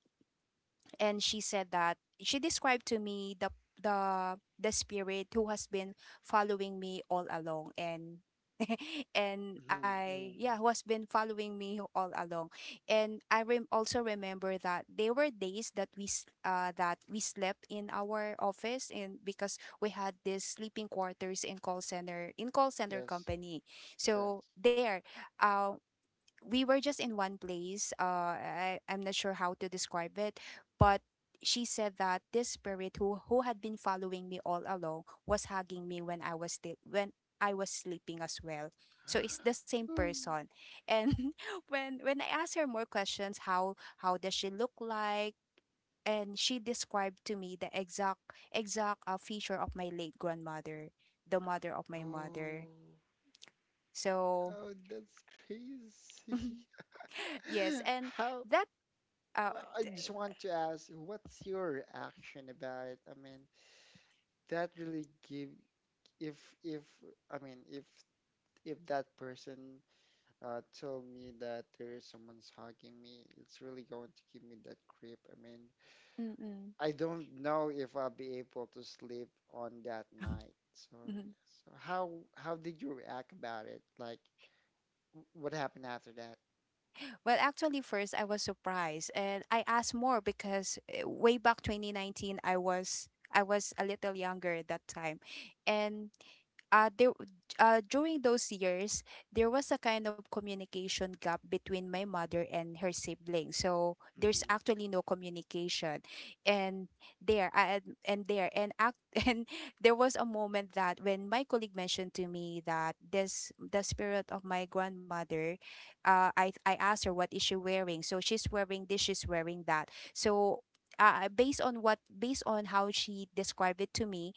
Speaker 3: and she said that she described to me the spirit who has been following me all along. And *laughs* and
Speaker 2: mm-hmm,
Speaker 3: I,
Speaker 2: mm.
Speaker 3: yeah, who has been following me all along. And I also remember that there were days that we slept in our office, and because we had this sleeping quarters in call center, in call center
Speaker 2: Yes,
Speaker 3: company. So
Speaker 2: yes.
Speaker 3: there, uh, we were just in one place. I'm not sure how to describe it, but she said that this spirit who had been following me all along was hugging me when I was sleeping as well. So it's the same
Speaker 2: *gasps*
Speaker 3: person. And *laughs* when I asked her more questions, how does she look like? And she described to me the exact feature of my late grandmother, the mother of my mother.
Speaker 2: Oh,
Speaker 3: So
Speaker 2: oh, that's crazy.
Speaker 3: *laughs* yes,
Speaker 2: *laughs*
Speaker 3: and
Speaker 2: How?
Speaker 3: that
Speaker 2: Well, I just
Speaker 3: Outdate.
Speaker 2: want to ask, what's your reaction about it? I mean, that really give, if if I mean if that person told me that there is someone's hugging me, it's really going to give me that creep. I mean,
Speaker 3: Mm,
Speaker 2: I don't know if I'll be able to sleep on that night. So,
Speaker 3: mhm.
Speaker 2: so how did you react about it? Like, what happened after that?
Speaker 3: Well, actually, first I was surprised, and I asked more because way back 2019, I was a little younger at that time, and uh, there, during those years, there was a kind of communication gap between my mother and her siblings. So there's
Speaker 2: Mhm.
Speaker 3: actually no communication, and there, I, and there, and act, *laughs* and there was a moment that when my colleague mentioned to me that this the spirit of my grandmother, I asked her what is she wearing. So she's wearing this, she's wearing that. So based on how she described it to me,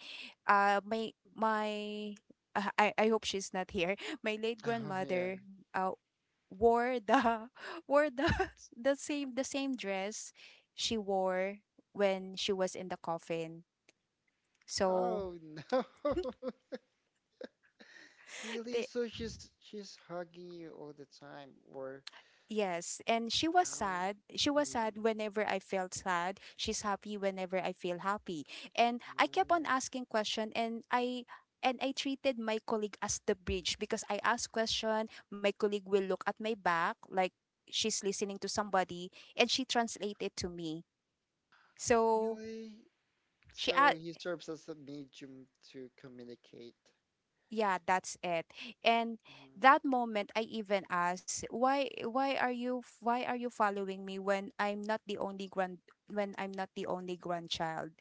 Speaker 3: my my I hope she's not here. *laughs* My
Speaker 2: *laughs*
Speaker 3: late
Speaker 2: Oh yeah.
Speaker 3: grandmother wore the *laughs* wore the *laughs* the same dress she wore when she was in the coffin. So
Speaker 2: Oh no.
Speaker 3: *laughs*
Speaker 2: *laughs* Really?
Speaker 3: they.
Speaker 2: So she's hugging you all the time, or
Speaker 3: Yes, and she was
Speaker 2: how?
Speaker 3: sad. She was
Speaker 2: Mhm.
Speaker 3: sad whenever I felt sad. She's happy whenever I feel happy. And I kept on
Speaker 2: Mm.
Speaker 3: asking question, and I treated my colleague as the bridge because I ask question, my colleague will look at my back like she's listening to somebody, and she translate it to me. So
Speaker 2: Really?
Speaker 3: she
Speaker 2: So
Speaker 3: a.
Speaker 2: he serves as a medium to communicate.
Speaker 3: Yeah, that's it. And
Speaker 2: Mm-hmm.
Speaker 3: that moment I even asked, why are you following me when I'm not the only grand when I'm not the only grandchild?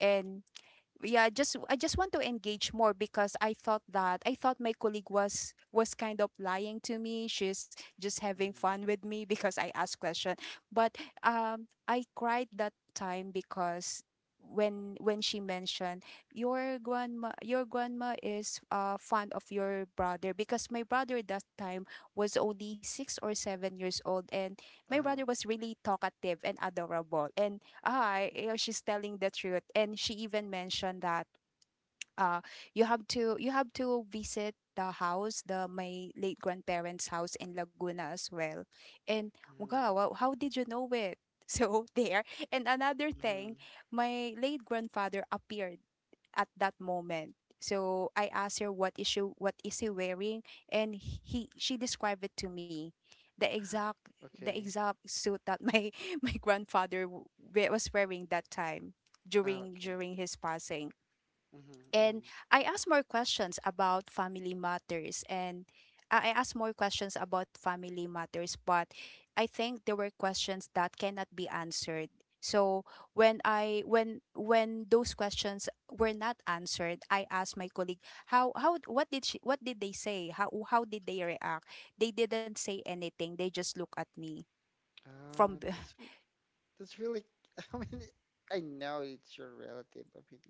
Speaker 3: And yeah, just I just want to engage more because I thought my colleague was kind of lying to me, she's just having fun with
Speaker 2: Mm-hmm.
Speaker 3: me because I asked question. But um, I cried that time because when she mentioned, your grandma is fond of your brother, because my brother that time was only 6 or 7 years old, and my brother
Speaker 2: Uh-huh.
Speaker 3: was really talkative and adorable, and, "Ay, you know, she's telling the truth." And she even mentioned that uh, you have to visit the my late grandparents house in Laguna as well. And
Speaker 2: Mm-hmm.
Speaker 3: wow, how did you know it? *laughs* So there, and another thing,
Speaker 2: Mm-hmm.
Speaker 3: my late grandfather appeared at that moment. So I asked her what is he wearing, and he she described it to me the
Speaker 2: Okay.
Speaker 3: exact suit that my *laughs* my grandfather was wearing that time
Speaker 2: Ah, okay.
Speaker 3: during his passing. And
Speaker 2: Mm-hmm.
Speaker 3: I asked more questions about family matters, and I asked more questions about family matters, but I think there were questions that cannot be answered. So when I when those questions were not answered, I asked my colleague, how what did she, what did they say? How did they react? They didn't say anything. They just look at me
Speaker 2: Oh,
Speaker 3: from b-.
Speaker 2: that's that's really. *laughs* I mean, I know it's your relative. I mean,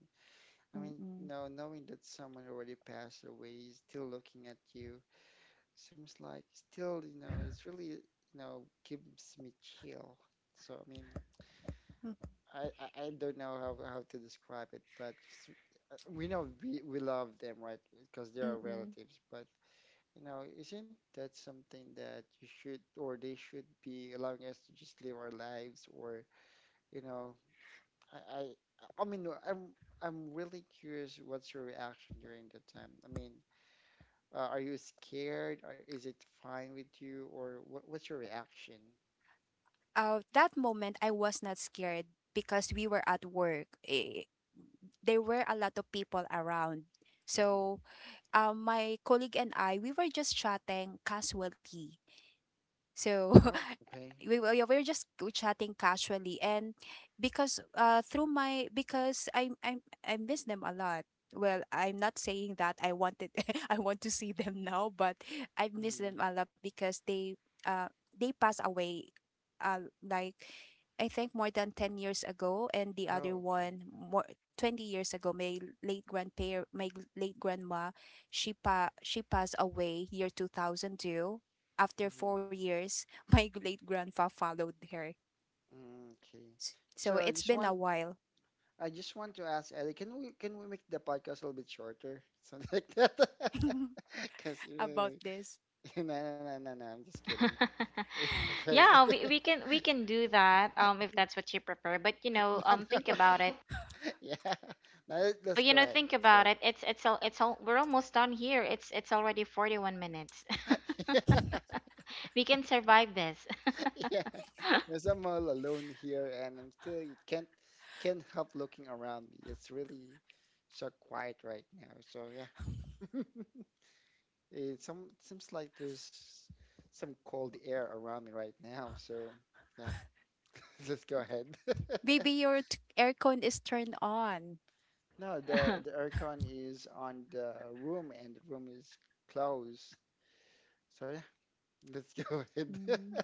Speaker 3: *laughs*
Speaker 2: I mean,
Speaker 3: Mm-mm.
Speaker 2: no, knowing that someone already passed away is still looking at you, seems like, still, it's really, gives me chill. So I mean, I don't know how to describe it, but just, we know we love them, right? Because they are
Speaker 3: Mm-mm.
Speaker 2: relatives, but. Isn't that something that you should, or they should, be allowing us to just live our lives, or, you know, I I, I mean, no, I'm really curious what's your reaction during that time. I mean, are you scared? Or is it fine with you, or what's your reaction?
Speaker 3: That moment I was not scared because we were at work. Eh, there were a lot of people around.
Speaker 2: Mm-hmm.
Speaker 3: So, my colleague and I, we were just chatting casually. So *laughs*
Speaker 2: Oh, okay.
Speaker 3: we were, yeah, we were just go chatting casually, and because through my because I miss them a lot. Well, I'm not saying that I wanted *laughs* I want to see them now, but I miss
Speaker 2: Mm-hmm.
Speaker 3: them a lot because uh they passed away like, I think, more than 10 years ago, and the other
Speaker 2: Oh, okay.
Speaker 3: one more 20 years ago. My late grandpa, my late grandma, she passed away year 2002. After
Speaker 2: Mm-hmm.
Speaker 3: 4 years, *laughs* my late grandpa followed her.
Speaker 2: Okay.
Speaker 3: S- So
Speaker 2: So
Speaker 3: it's been a while
Speaker 2: I just want to ask Ellie, can we make the podcast a little bit shorter, *laughs* something like that? *laughs*
Speaker 3: *laughs*
Speaker 2: Because *laughs*
Speaker 3: about
Speaker 2: no,
Speaker 3: this.
Speaker 2: no, no, no, no, I'm just kidding.
Speaker 1: *laughs*
Speaker 2: *laughs* Because
Speaker 1: Yeah,
Speaker 2: *laughs*
Speaker 1: we, we can do that, if that's what you prefer. But you know,
Speaker 2: no,
Speaker 1: think
Speaker 2: no.
Speaker 1: about it.
Speaker 2: *laughs* Yeah, no, let's
Speaker 1: But you
Speaker 2: go
Speaker 1: know,
Speaker 2: ahead.
Speaker 1: think
Speaker 2: Let's go
Speaker 1: about
Speaker 2: ahead.
Speaker 1: it. It's all we're almost done here. It's already 41 minutes. *laughs*
Speaker 2: *laughs* Yeah,
Speaker 1: We can survive this.
Speaker 2: yeah. Because I'm all alone here, and I'm still, you can't help looking around me. It's really so quiet right now. So yeah. *laughs* It some seems like there's some cold air around me right now, so yeah, *laughs* let's go ahead. *laughs*
Speaker 3: Baby, your aircon is turned on.
Speaker 2: No, the
Speaker 1: *laughs*
Speaker 2: aircon is on the room, and the room is closed. So yeah, let's go ahead. *laughs*
Speaker 3: Mm.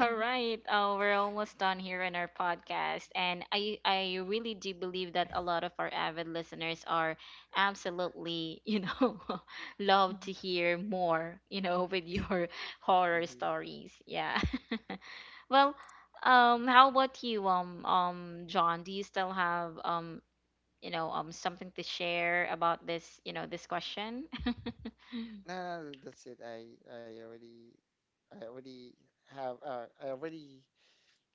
Speaker 1: All right. Oh, we're almost done here in our podcast, and I really do believe that a lot of our avid listeners are absolutely, you know, *laughs* love to hear more, you know, with your *laughs* horror
Speaker 2: Mhm.
Speaker 1: stories. Yeah. *laughs* Well, how about you, John? Do you still have you know, something to share about this, you know, this question? *laughs*
Speaker 2: No, no, no, that's it. I already I already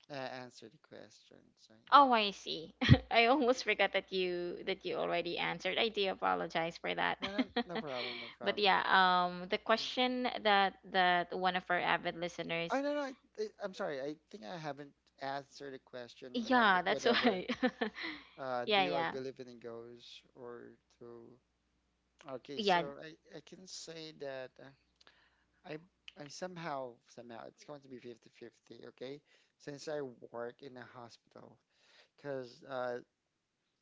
Speaker 2: uh, answered the question. So yeah,
Speaker 1: Oh, I see. *laughs* I almost forgot that you already answered. I do apologize for that.
Speaker 2: no, no no problem, no
Speaker 1: *laughs* But
Speaker 2: problem.
Speaker 1: yeah, the question that one of our avid
Speaker 2: Oh
Speaker 1: listeners,
Speaker 2: no, no, I'm sorry. I think I haven't answered the question, when
Speaker 1: yeah, that's
Speaker 2: whenever
Speaker 1: why. *laughs* Yeah,
Speaker 2: I
Speaker 1: yeah.
Speaker 2: believe in ghosts, or to okay. So
Speaker 1: Yeah,
Speaker 2: I can say that, I I somehow it's going to be 50-50, okay? Since I work in a hospital, because uh,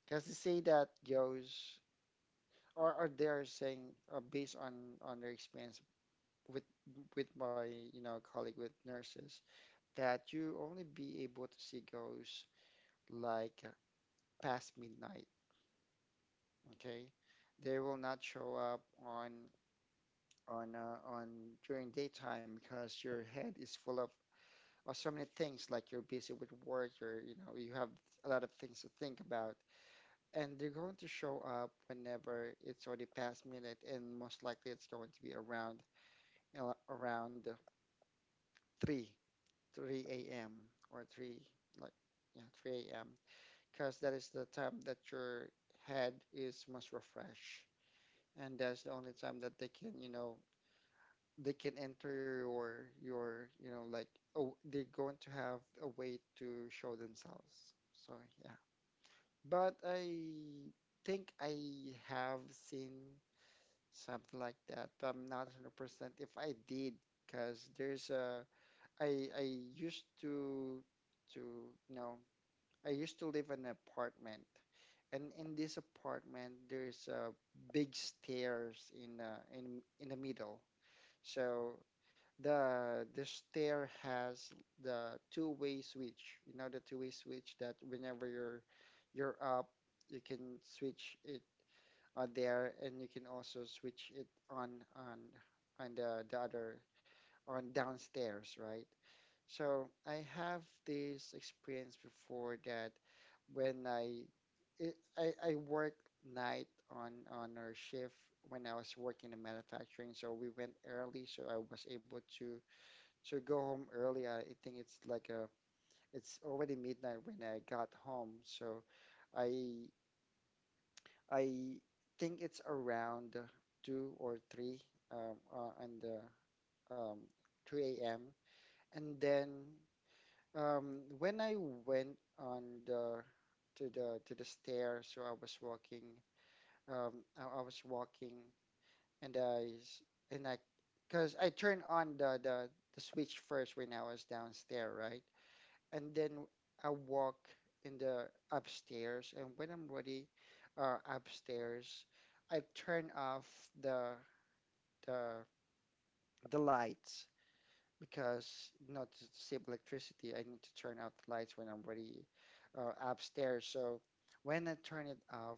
Speaker 2: because they say that ghosts, or they're saying, based on their experience, with with my colleague, with nurses, that you only be able to see ghosts, like, past midnight. Okay, they will not show up on during daytime, because your head is full of so many things. Like, you're busy with work, or you have a lot of things to think about, and they're going to show up whenever it's already past midnight, and most likely it's going to be around, you know, around uh, three three a.m. or three like yeah 3 a.m., because that is the time that your head is most refreshed. And that's the only time that they can, you know, they can enter your your oh, they're going to have a way to show themselves. So yeah, but I think I have seen something like that, but I'm not 100% if I did. Because there's a I used to I used to live in an apartment, and in this apartment there's a big stairs in the middle. So the stair has the two-way switch. You know, the two-way switch that whenever you're up, you can switch it on there, and you can also switch it on the other on downstairs, right? So I have this experience before that when I worked night on our shift when I was working in manufacturing. So we went early, so I was able to go home early. I think it's like a it's already midnight when I got home. So I I think it's around two or three, on the um, 3 a.m. And then When I went on the to the stairs, so I was walking. I was walking, and I s- and I, cause I turned on the switch first when I was downstairs, right? And then I walk in the upstairs, and when I'm ready, upstairs, I turn off the the the lights, because not to save electricity, I need to turn off the lights when I'm already upstairs. So when I turn it off,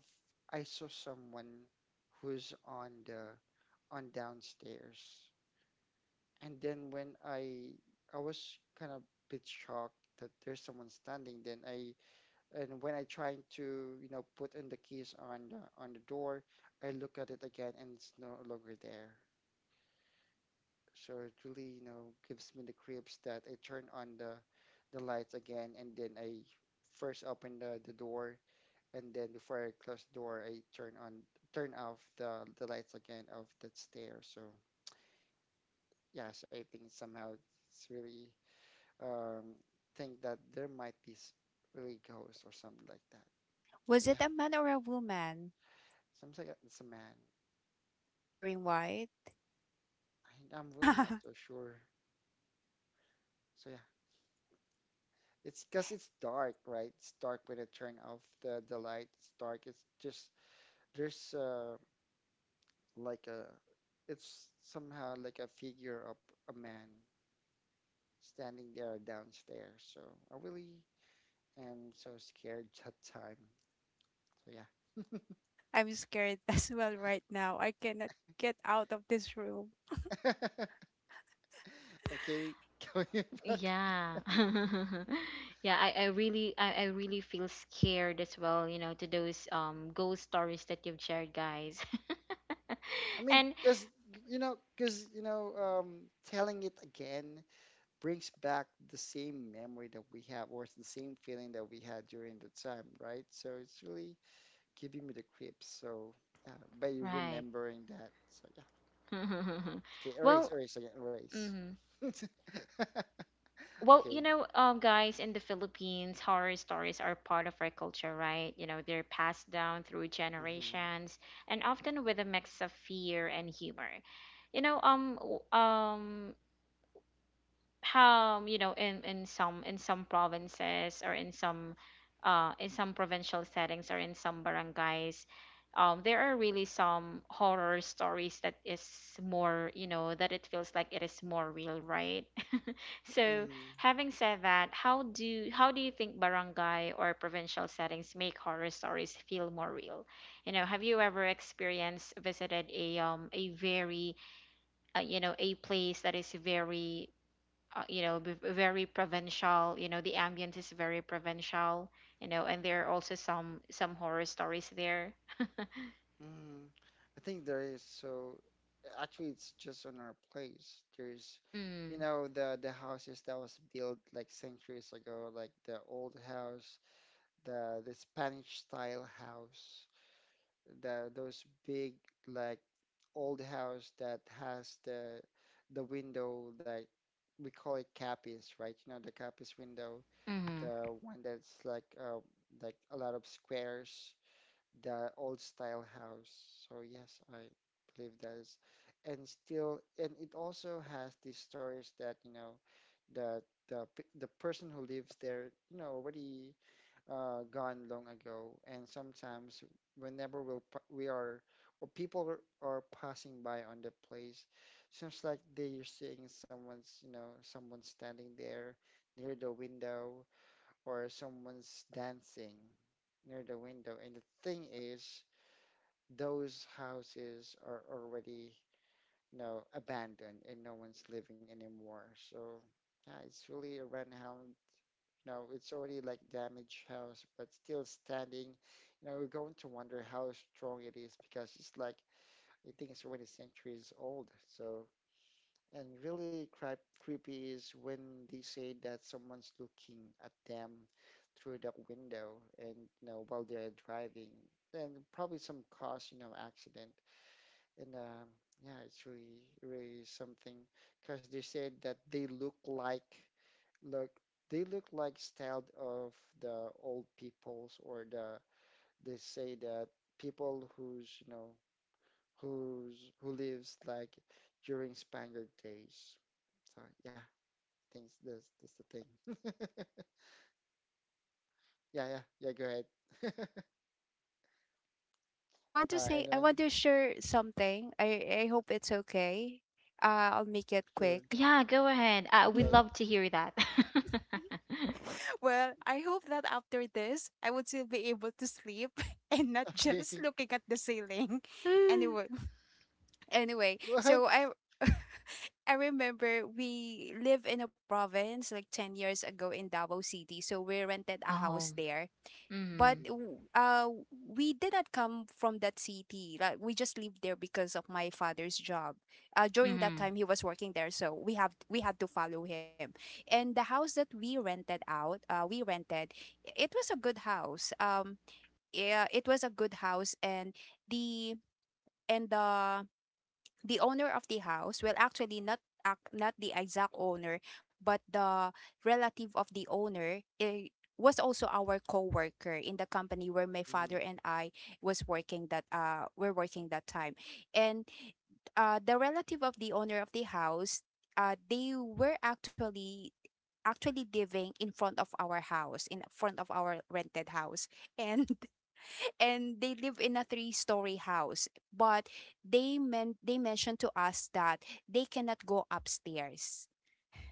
Speaker 2: I saw someone who's on the on downstairs. And then when I was kind of bit shocked that there's someone standing. Then I and when I trying to, you know, put in the keys on the door, I look at it again and it's no longer there. So it really, you know, gives me the creeps that I turn on the lights again, and then I first open the door, and then before I close the door I turn on turn off the lights again of that stair. So yes, I think somehow it's really um think that there might be really ghosts or something like that. So
Speaker 3: Was it
Speaker 2: yeah,
Speaker 3: a man or a woman
Speaker 2: seems like it's a man.
Speaker 3: wearing white?
Speaker 2: I'm really not so
Speaker 3: *laughs*
Speaker 2: sure. So yeah, it's because it's dark, right? It's dark when I turn off the light. It's dark. It's just there's like a, it's somehow like a figure of a man standing there downstairs. So I really am so scared *laughs* that time.
Speaker 3: I'm scared as well right now. I cannot get out of this room.
Speaker 2: So yeah. *laughs* Okay, *laughs* going back.
Speaker 1: yeah. *laughs* Yeah, I really I really feel scared as well, you know, to those ghost stories that you've shared, guys. *laughs*
Speaker 2: I mean,
Speaker 1: And
Speaker 2: because you know, telling it again brings back the same memory that we have, or it's the same feeling that we had during the time, right? So it's really giving me the creeps. So uh, by
Speaker 1: right.
Speaker 2: remembering that, so yeah.
Speaker 1: *laughs*
Speaker 2: Okay, erase,
Speaker 1: Well,
Speaker 2: erase again, erase.
Speaker 1: mhm.
Speaker 2: *laughs*
Speaker 1: Well,
Speaker 2: Okay.
Speaker 1: you know, guys, in the Philippines, horror stories are part of our culture, right? You know, they're passed down through
Speaker 2: Mm-hmm.
Speaker 1: generations and often with a mix of fear and humor. You know, how, you know, in some provinces or in some provincial settings or in some barangays, there are really some horror stories that is more, you know, that it feels like it is more real, right? So,
Speaker 2: Mm-hmm.
Speaker 1: having said that, how do you think barangay or provincial settings make horror stories feel more real? You know, have you ever experienced visited a very you know a place that is very you know very provincial, you know, the ambience is very provincial, you know, and there are also some horror stories there.
Speaker 2: Mm-hmm. I think there is so actually it's just on our place. There's, you
Speaker 1: Mm,
Speaker 2: know, the houses that was built like centuries ago, like the old house, the Spanish style house, the those big like old house that has the window like we call it capis, right? You know, the capis window,
Speaker 1: mm-hmm.
Speaker 2: the one that's like a lot of squares, the old style house. So yes, I believe that is, and still, and it also has these stories that, you know, that the person who lives there, you know, already gone long ago, and sometimes whenever we are or people are passing by on the place seems like they're seeing someone's you know someone standing there near the window, or someone's dancing near the window. And the thing is, those houses are already, you know, abandoned and no one's living anymore. So yeah, it's really a rent house. No, it's already like damaged house, but still standing. You know, we're going to wonder how strong it is because it's like I think it's already centuries old. So, and really creepy is when they say that someone's looking at them through the window and, you know, while they're driving. Then probably some cause, you know, accident. And yeah, it's really really something, because they said that they look like look they look like styled of the old peoples or the they say that people who's, you know, who's who lives like during Spaniard days. So yeah thinks that's the thing. *laughs* Yeah, yeah, yeah. Go ahead. *laughs*
Speaker 3: I want to say, I want
Speaker 2: Anyone?
Speaker 3: to share something. I hope it's okay. I'll make it
Speaker 2: Sure.
Speaker 3: quick.
Speaker 1: Yeah, go ahead. We
Speaker 2: Okay.
Speaker 3: *laughs*
Speaker 1: love to hear that.
Speaker 3: Well, I hope that after this, I would still be able to sleep *laughs* and not just
Speaker 2: Okay.
Speaker 3: looking at the ceiling. *laughs* Anyway,
Speaker 1: *laughs*
Speaker 3: anyway,
Speaker 2: *laughs* What?
Speaker 3: so I *laughs* I remember we live in a province like 10 years ago in Davao City. So we rented a
Speaker 1: Oh.
Speaker 3: house there, but
Speaker 1: Mm-hmm.
Speaker 2: Mm.
Speaker 3: we did not come from that city, like we just lived there because of my father's job. Uh, during that time he was working there, so we had to follow him. And the house that we rented out we rented it was a good house yeah it was a good house the and the owner of the house, well, actually not not the exact owner, but the relative of the owner, eh, was also our co-worker in the company where my
Speaker 2: Mm.
Speaker 3: father and I was working that were working that time. And uh, the relative of the owner of the house, uh, they were actually living in front of our house, in front of our rented house. *laughs* and and they live in a three-story house, but they mentioned to us that they cannot go upstairs,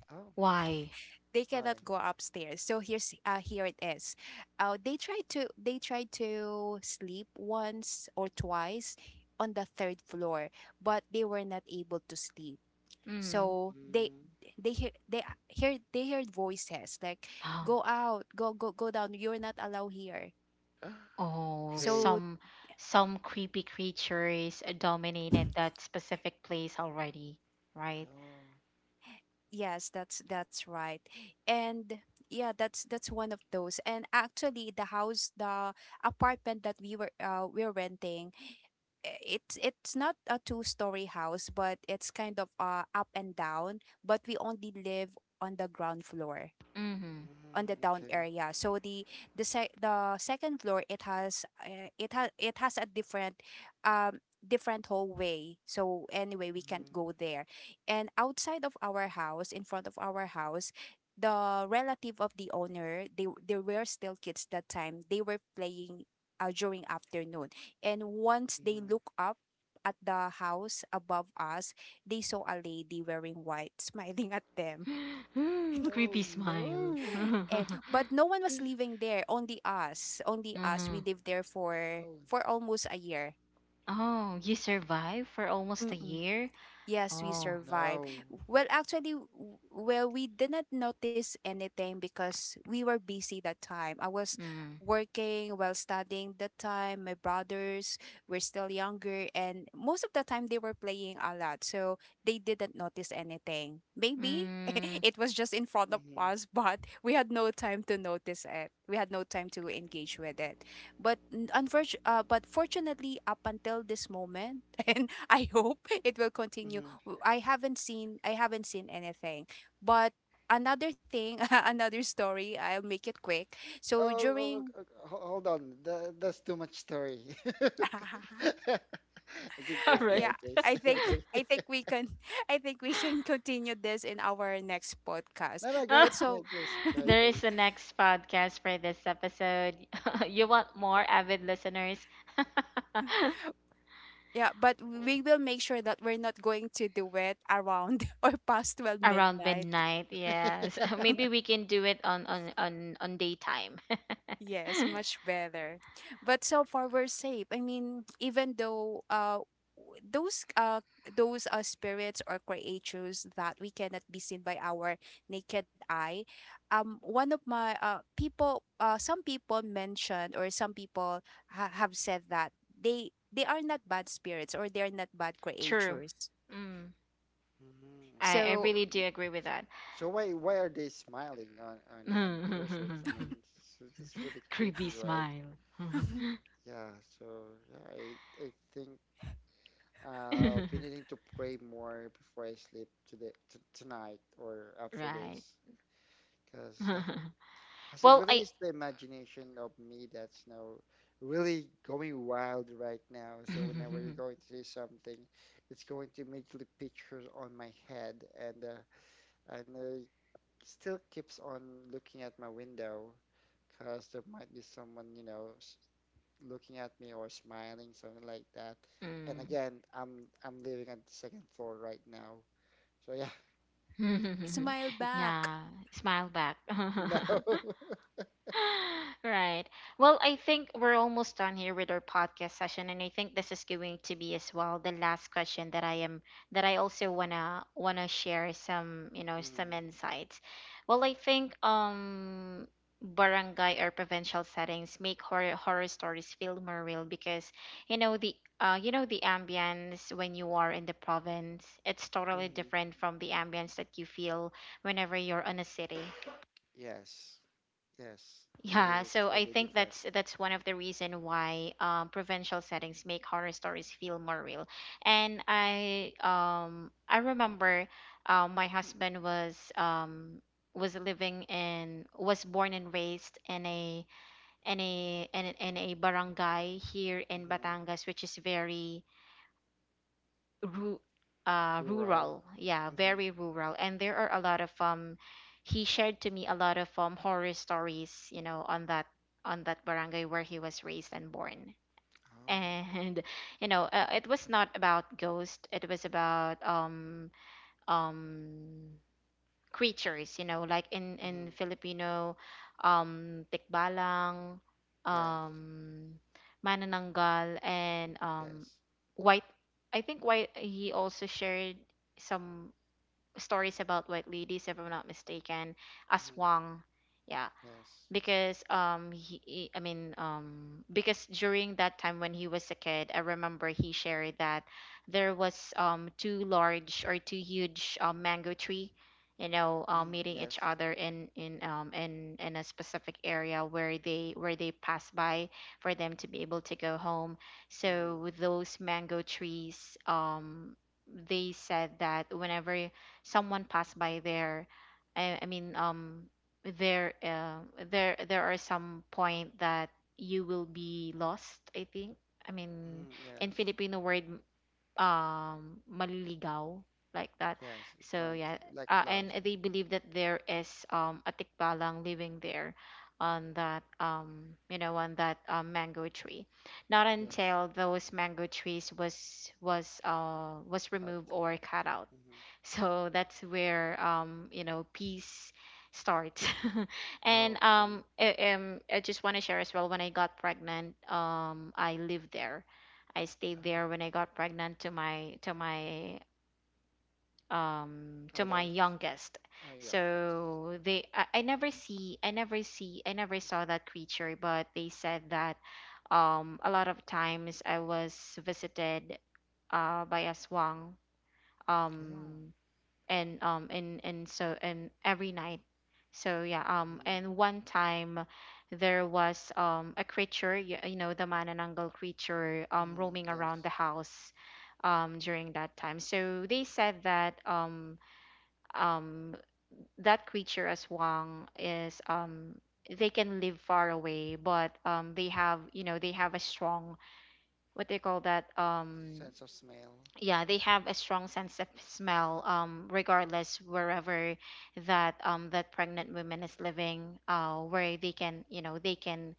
Speaker 2: Oh,
Speaker 1: Why?
Speaker 3: they cannot
Speaker 2: why?
Speaker 3: go upstairs So here's, here it is. Uh, they tried to, they tried to sleep once or twice on the third floor, but they were not able to sleep.
Speaker 1: Mm.
Speaker 3: So
Speaker 2: Mm.
Speaker 3: they hear they a- hear they heard voices like,
Speaker 1: Um,
Speaker 3: go out, go down, you're not allowed here.
Speaker 2: *gasps*
Speaker 1: oh,
Speaker 2: Okay.
Speaker 3: So
Speaker 1: some creepy creatures dominated that specific place already, right?
Speaker 2: Oh.
Speaker 3: yes, that's right. And yeah, that's one of those. And actually the apartment that we're renting, it's not a two-story house, but it's kind of up and down, but we only live on the ground floor, on the
Speaker 2: Mm,
Speaker 3: down
Speaker 2: okay.
Speaker 3: area. So the the second floor, it has it has a different um different hallway. So anyway, we can't
Speaker 2: Mm.
Speaker 3: go there. And outside of our house, in front of our house, the relative of the owner, they there were still kids that time. They were playing during afternoon. And once they
Speaker 2: Mm.
Speaker 3: look up at the house above us, they saw a lady wearing white *laughs* smiling at them,
Speaker 1: Mm-hmm. *gasps*
Speaker 2: Oh
Speaker 1: Creepy smile. *laughs*
Speaker 2: no. *gasps*
Speaker 3: and
Speaker 1: Mm-hmm.
Speaker 3: but no one was
Speaker 2: *laughs*
Speaker 3: living there, only us, we lived there for
Speaker 2: Oh.
Speaker 3: almost a year.
Speaker 1: Oh, you survived for almost a
Speaker 3: Mm-mm.
Speaker 1: year?
Speaker 3: Yes, we
Speaker 2: Oh
Speaker 1: Oh,
Speaker 3: survived.
Speaker 2: no.
Speaker 3: Well, actually, w- well, we didn't notice anything because we were busy that time. I was
Speaker 1: mm,
Speaker 3: working while studying that time. My brothers were still younger, and most of the time they were playing a lot, so they didn't notice anything. Maybe
Speaker 1: mm.
Speaker 3: *laughs* it was just in front of
Speaker 2: Mm.
Speaker 3: us, but we had no time to notice it. We had no time to engage with it. But unfortunately, but fortunately, up until this moment, *laughs* and I hope it will continue.
Speaker 2: Mm.
Speaker 3: I haven't seen anything. But another thing, *laughs* another story. I'll make it quick.
Speaker 2: Oh,
Speaker 3: So
Speaker 2: oh, oh,
Speaker 3: during,
Speaker 2: oh, hold on. That, that's too much story.
Speaker 3: *laughs*
Speaker 2: *laughs* Okay,
Speaker 1: *laughs* All
Speaker 2: just
Speaker 1: right.
Speaker 2: guy,
Speaker 3: yeah,
Speaker 2: please. *laughs* Okay.
Speaker 3: I think we can *laughs* I think we can continue this in our next podcast.
Speaker 2: No, no,
Speaker 3: But
Speaker 2: go
Speaker 3: so.
Speaker 1: *laughs*
Speaker 2: ahead,
Speaker 3: *laughs*
Speaker 2: please. Go ahead,
Speaker 1: There is
Speaker 2: please.
Speaker 1: the next podcast for this episode. *laughs* You want more avid listeners?
Speaker 3: Yeah, but
Speaker 1: *laughs*
Speaker 3: we will make sure that we're not going to do it around *laughs* or past 12
Speaker 1: Around
Speaker 3: midnight.
Speaker 1: midnight, yes. *laughs*
Speaker 2: *laughs*
Speaker 1: Maybe we can do it on daytime.
Speaker 3: Yes,
Speaker 2: Yeah.
Speaker 3: much
Speaker 1: *laughs*
Speaker 3: better. But so far we're safe. I mean, even though w- those uh those spirits or creatures that we cannot be seen by our naked eye, um, one of my people some people mentioned, or some people have said that they are not bad spirits, or they are not bad
Speaker 1: True.
Speaker 3: creatures.
Speaker 1: Mm,
Speaker 2: Mm,
Speaker 1: I
Speaker 2: okay.
Speaker 3: So
Speaker 1: really do agree with that.
Speaker 2: So why are they smiling on persons? I mean, it's really
Speaker 1: *laughs* Creepy
Speaker 2: creepy, right?
Speaker 1: smile.
Speaker 2: Yeah. So yeah, I think I'll be
Speaker 1: *laughs*
Speaker 2: needing to pray more before I sleep today t tonight or after
Speaker 1: Right.
Speaker 2: this, because yeah,
Speaker 1: *laughs*
Speaker 2: because it
Speaker 1: Well,
Speaker 2: really
Speaker 1: I.
Speaker 2: is the imagination of me that's now really going wild right now. So whenever you're
Speaker 1: *laughs*
Speaker 2: going to say something, it's going to immediately pictures on my head, and and uh, still keeps on looking at my window, because there might be someone, you know, looking at me or smiling, something like that. And again, I'm living on the second floor right now. So yeah,
Speaker 3: *laughs*
Speaker 1: Mm.
Speaker 3: smile
Speaker 1: *laughs*
Speaker 3: back.
Speaker 1: Yeah, smile back.
Speaker 2: *laughs* no.
Speaker 1: *laughs*
Speaker 2: *laughs*
Speaker 1: *laughs* Right. Well, I think we're almost done here with our podcast session, and I think this is going to be as well the last question that I am that I also wanna share some you know some insights. Well, I think barangay or provincial settings make horror stories feel more real because you know the you know the ambience when you are in the province it's totally
Speaker 2: Mm-hmm.
Speaker 1: different from the ambience that you feel whenever you're in a city.
Speaker 2: Yes. Yes. It
Speaker 1: Yeah,
Speaker 2: is
Speaker 1: so I
Speaker 2: really
Speaker 1: think
Speaker 2: different.
Speaker 1: that's one of the reason why, provincial settings make horror stories feel more real. And I remember my husband was living in was born and raised in a in a barangay here in
Speaker 2: Mm-hmm.
Speaker 1: Batangas, which is very ru-
Speaker 2: Rural.
Speaker 1: rural. Yeah,
Speaker 2: Mm-hmm.
Speaker 1: very rural. And there are a lot of he shared to me a lot of horror stories, you know, on that barangay where he was raised and born.
Speaker 2: Oh.
Speaker 1: And *laughs* you know, it was not about ghost. It was about um creatures, you know, like in
Speaker 2: Mm-hmm.
Speaker 1: Filipino tikbalang,
Speaker 2: Yes.
Speaker 1: um, manananggal and
Speaker 2: Yes.
Speaker 1: white. I think white he also shared some stories about white ladies if I'm not mistaken,
Speaker 2: Mm-hmm.
Speaker 1: aswang. Yeah,
Speaker 2: Yes.
Speaker 1: because he I mean because during that time when he was a kid, I remember he shared that there was two large or two huge mango tree, you know,
Speaker 2: Mm-hmm.
Speaker 1: meeting each
Speaker 2: Yes.
Speaker 1: other in a specific area where they pass by for them to be able to go home. So
Speaker 2: Mm-hmm.
Speaker 1: with those mango trees they said that whenever someone passed by there I mean, there there are some point that you will be lost. I think I mean
Speaker 2: Mm,
Speaker 1: in
Speaker 2: yes.
Speaker 1: Filipino word, maliligaw, like that.
Speaker 2: Yes. It's
Speaker 1: So
Speaker 2: going to
Speaker 1: yeah,
Speaker 2: be like
Speaker 1: and
Speaker 2: lost.
Speaker 1: they believe that there is a tikbalang living there on that you know on that, mango tree, not
Speaker 2: Yes.
Speaker 1: until those mango trees was
Speaker 2: Cut.
Speaker 1: removed or cut out.
Speaker 2: Mm-hmm.
Speaker 1: *laughs* So that's where you know peace starts. *laughs* And
Speaker 2: Oh, okay.
Speaker 1: I just want to share as well when I got pregnant I lived there. I stayed
Speaker 2: Oh.
Speaker 1: there when I got pregnant to my to my
Speaker 2: LS.
Speaker 1: youngest.
Speaker 2: Oh, yeah. Yes.
Speaker 1: So they I never see I never saw that creature, but they said that a lot of times I was visited by a swang.
Speaker 2: Oh.
Speaker 1: Um and so and every night. So yeah,
Speaker 2: Mm-hmm.
Speaker 1: and one time there was a creature, you know the manananggal creature
Speaker 2: Mm-hmm.
Speaker 1: roaming
Speaker 2: Yes.
Speaker 1: around the house during that time. So they said that um that creature aswang is they can live far away but they have you know they have a strong what they call that
Speaker 2: Sense of smell.
Speaker 1: yeah they have a strong sense of smell, regardless wherever that that pregnant woman is living, where they can you know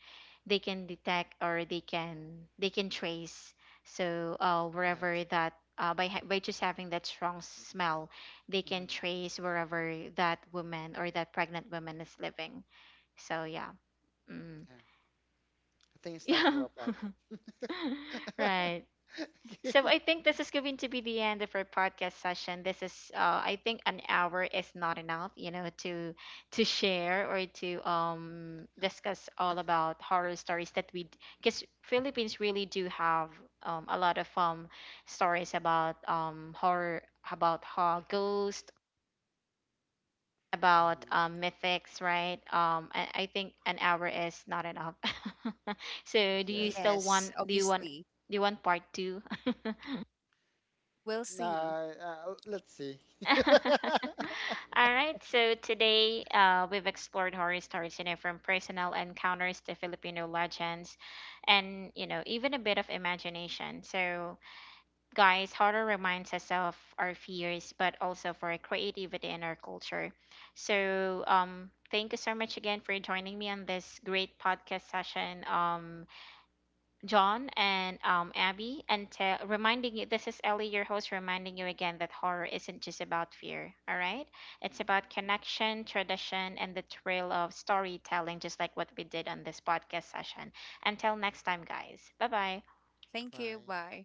Speaker 1: they can detect or they can trace. So wherever
Speaker 2: Yes.
Speaker 1: that by just having that strong smell they can
Speaker 2: Mm-hmm.
Speaker 1: trace wherever that woman or that pregnant woman is living. So yeah, mm.
Speaker 2: Yeah. I think it's
Speaker 1: *laughs*
Speaker 2: time to
Speaker 1: Yeah.
Speaker 2: wrap up.
Speaker 1: *laughs*
Speaker 2: *laughs*
Speaker 1: Right. So
Speaker 2: Okay.
Speaker 1: I think this is going to be the end of our podcast session. This is, I think, an hour is not enough, you know, to share or to discuss all about horror stories that we, because Philippines really do have a lot of stories about horror, about horror ghost, about
Speaker 2: Mhm.
Speaker 1: mythics, right? I think an hour is not enough. *laughs* So do you
Speaker 2: Yes.
Speaker 1: still
Speaker 3: Yes,
Speaker 1: want? Do you want?
Speaker 3: obviously.
Speaker 1: Do you want part two?
Speaker 3: We'll see.
Speaker 2: Let's see. *laughs*
Speaker 1: *laughs* All right, so today we've explored horror stories, you know, from personal encounters to Filipino legends and, you know, even a bit of imagination. So, guys, horror reminds us of our fears, but also for our creativity and our culture. So, thank you so much again for joining me on this great podcast session. John and Abby, and reminding you this is Ellie, your host, reminding you again that horror isn't just about fear, all right? It's about connection, tradition, and the thrill of storytelling, just like what we did on this podcast session. Until next time, guys. Bye bye.
Speaker 3: Thank you.
Speaker 2: Bye.
Speaker 3: Bye.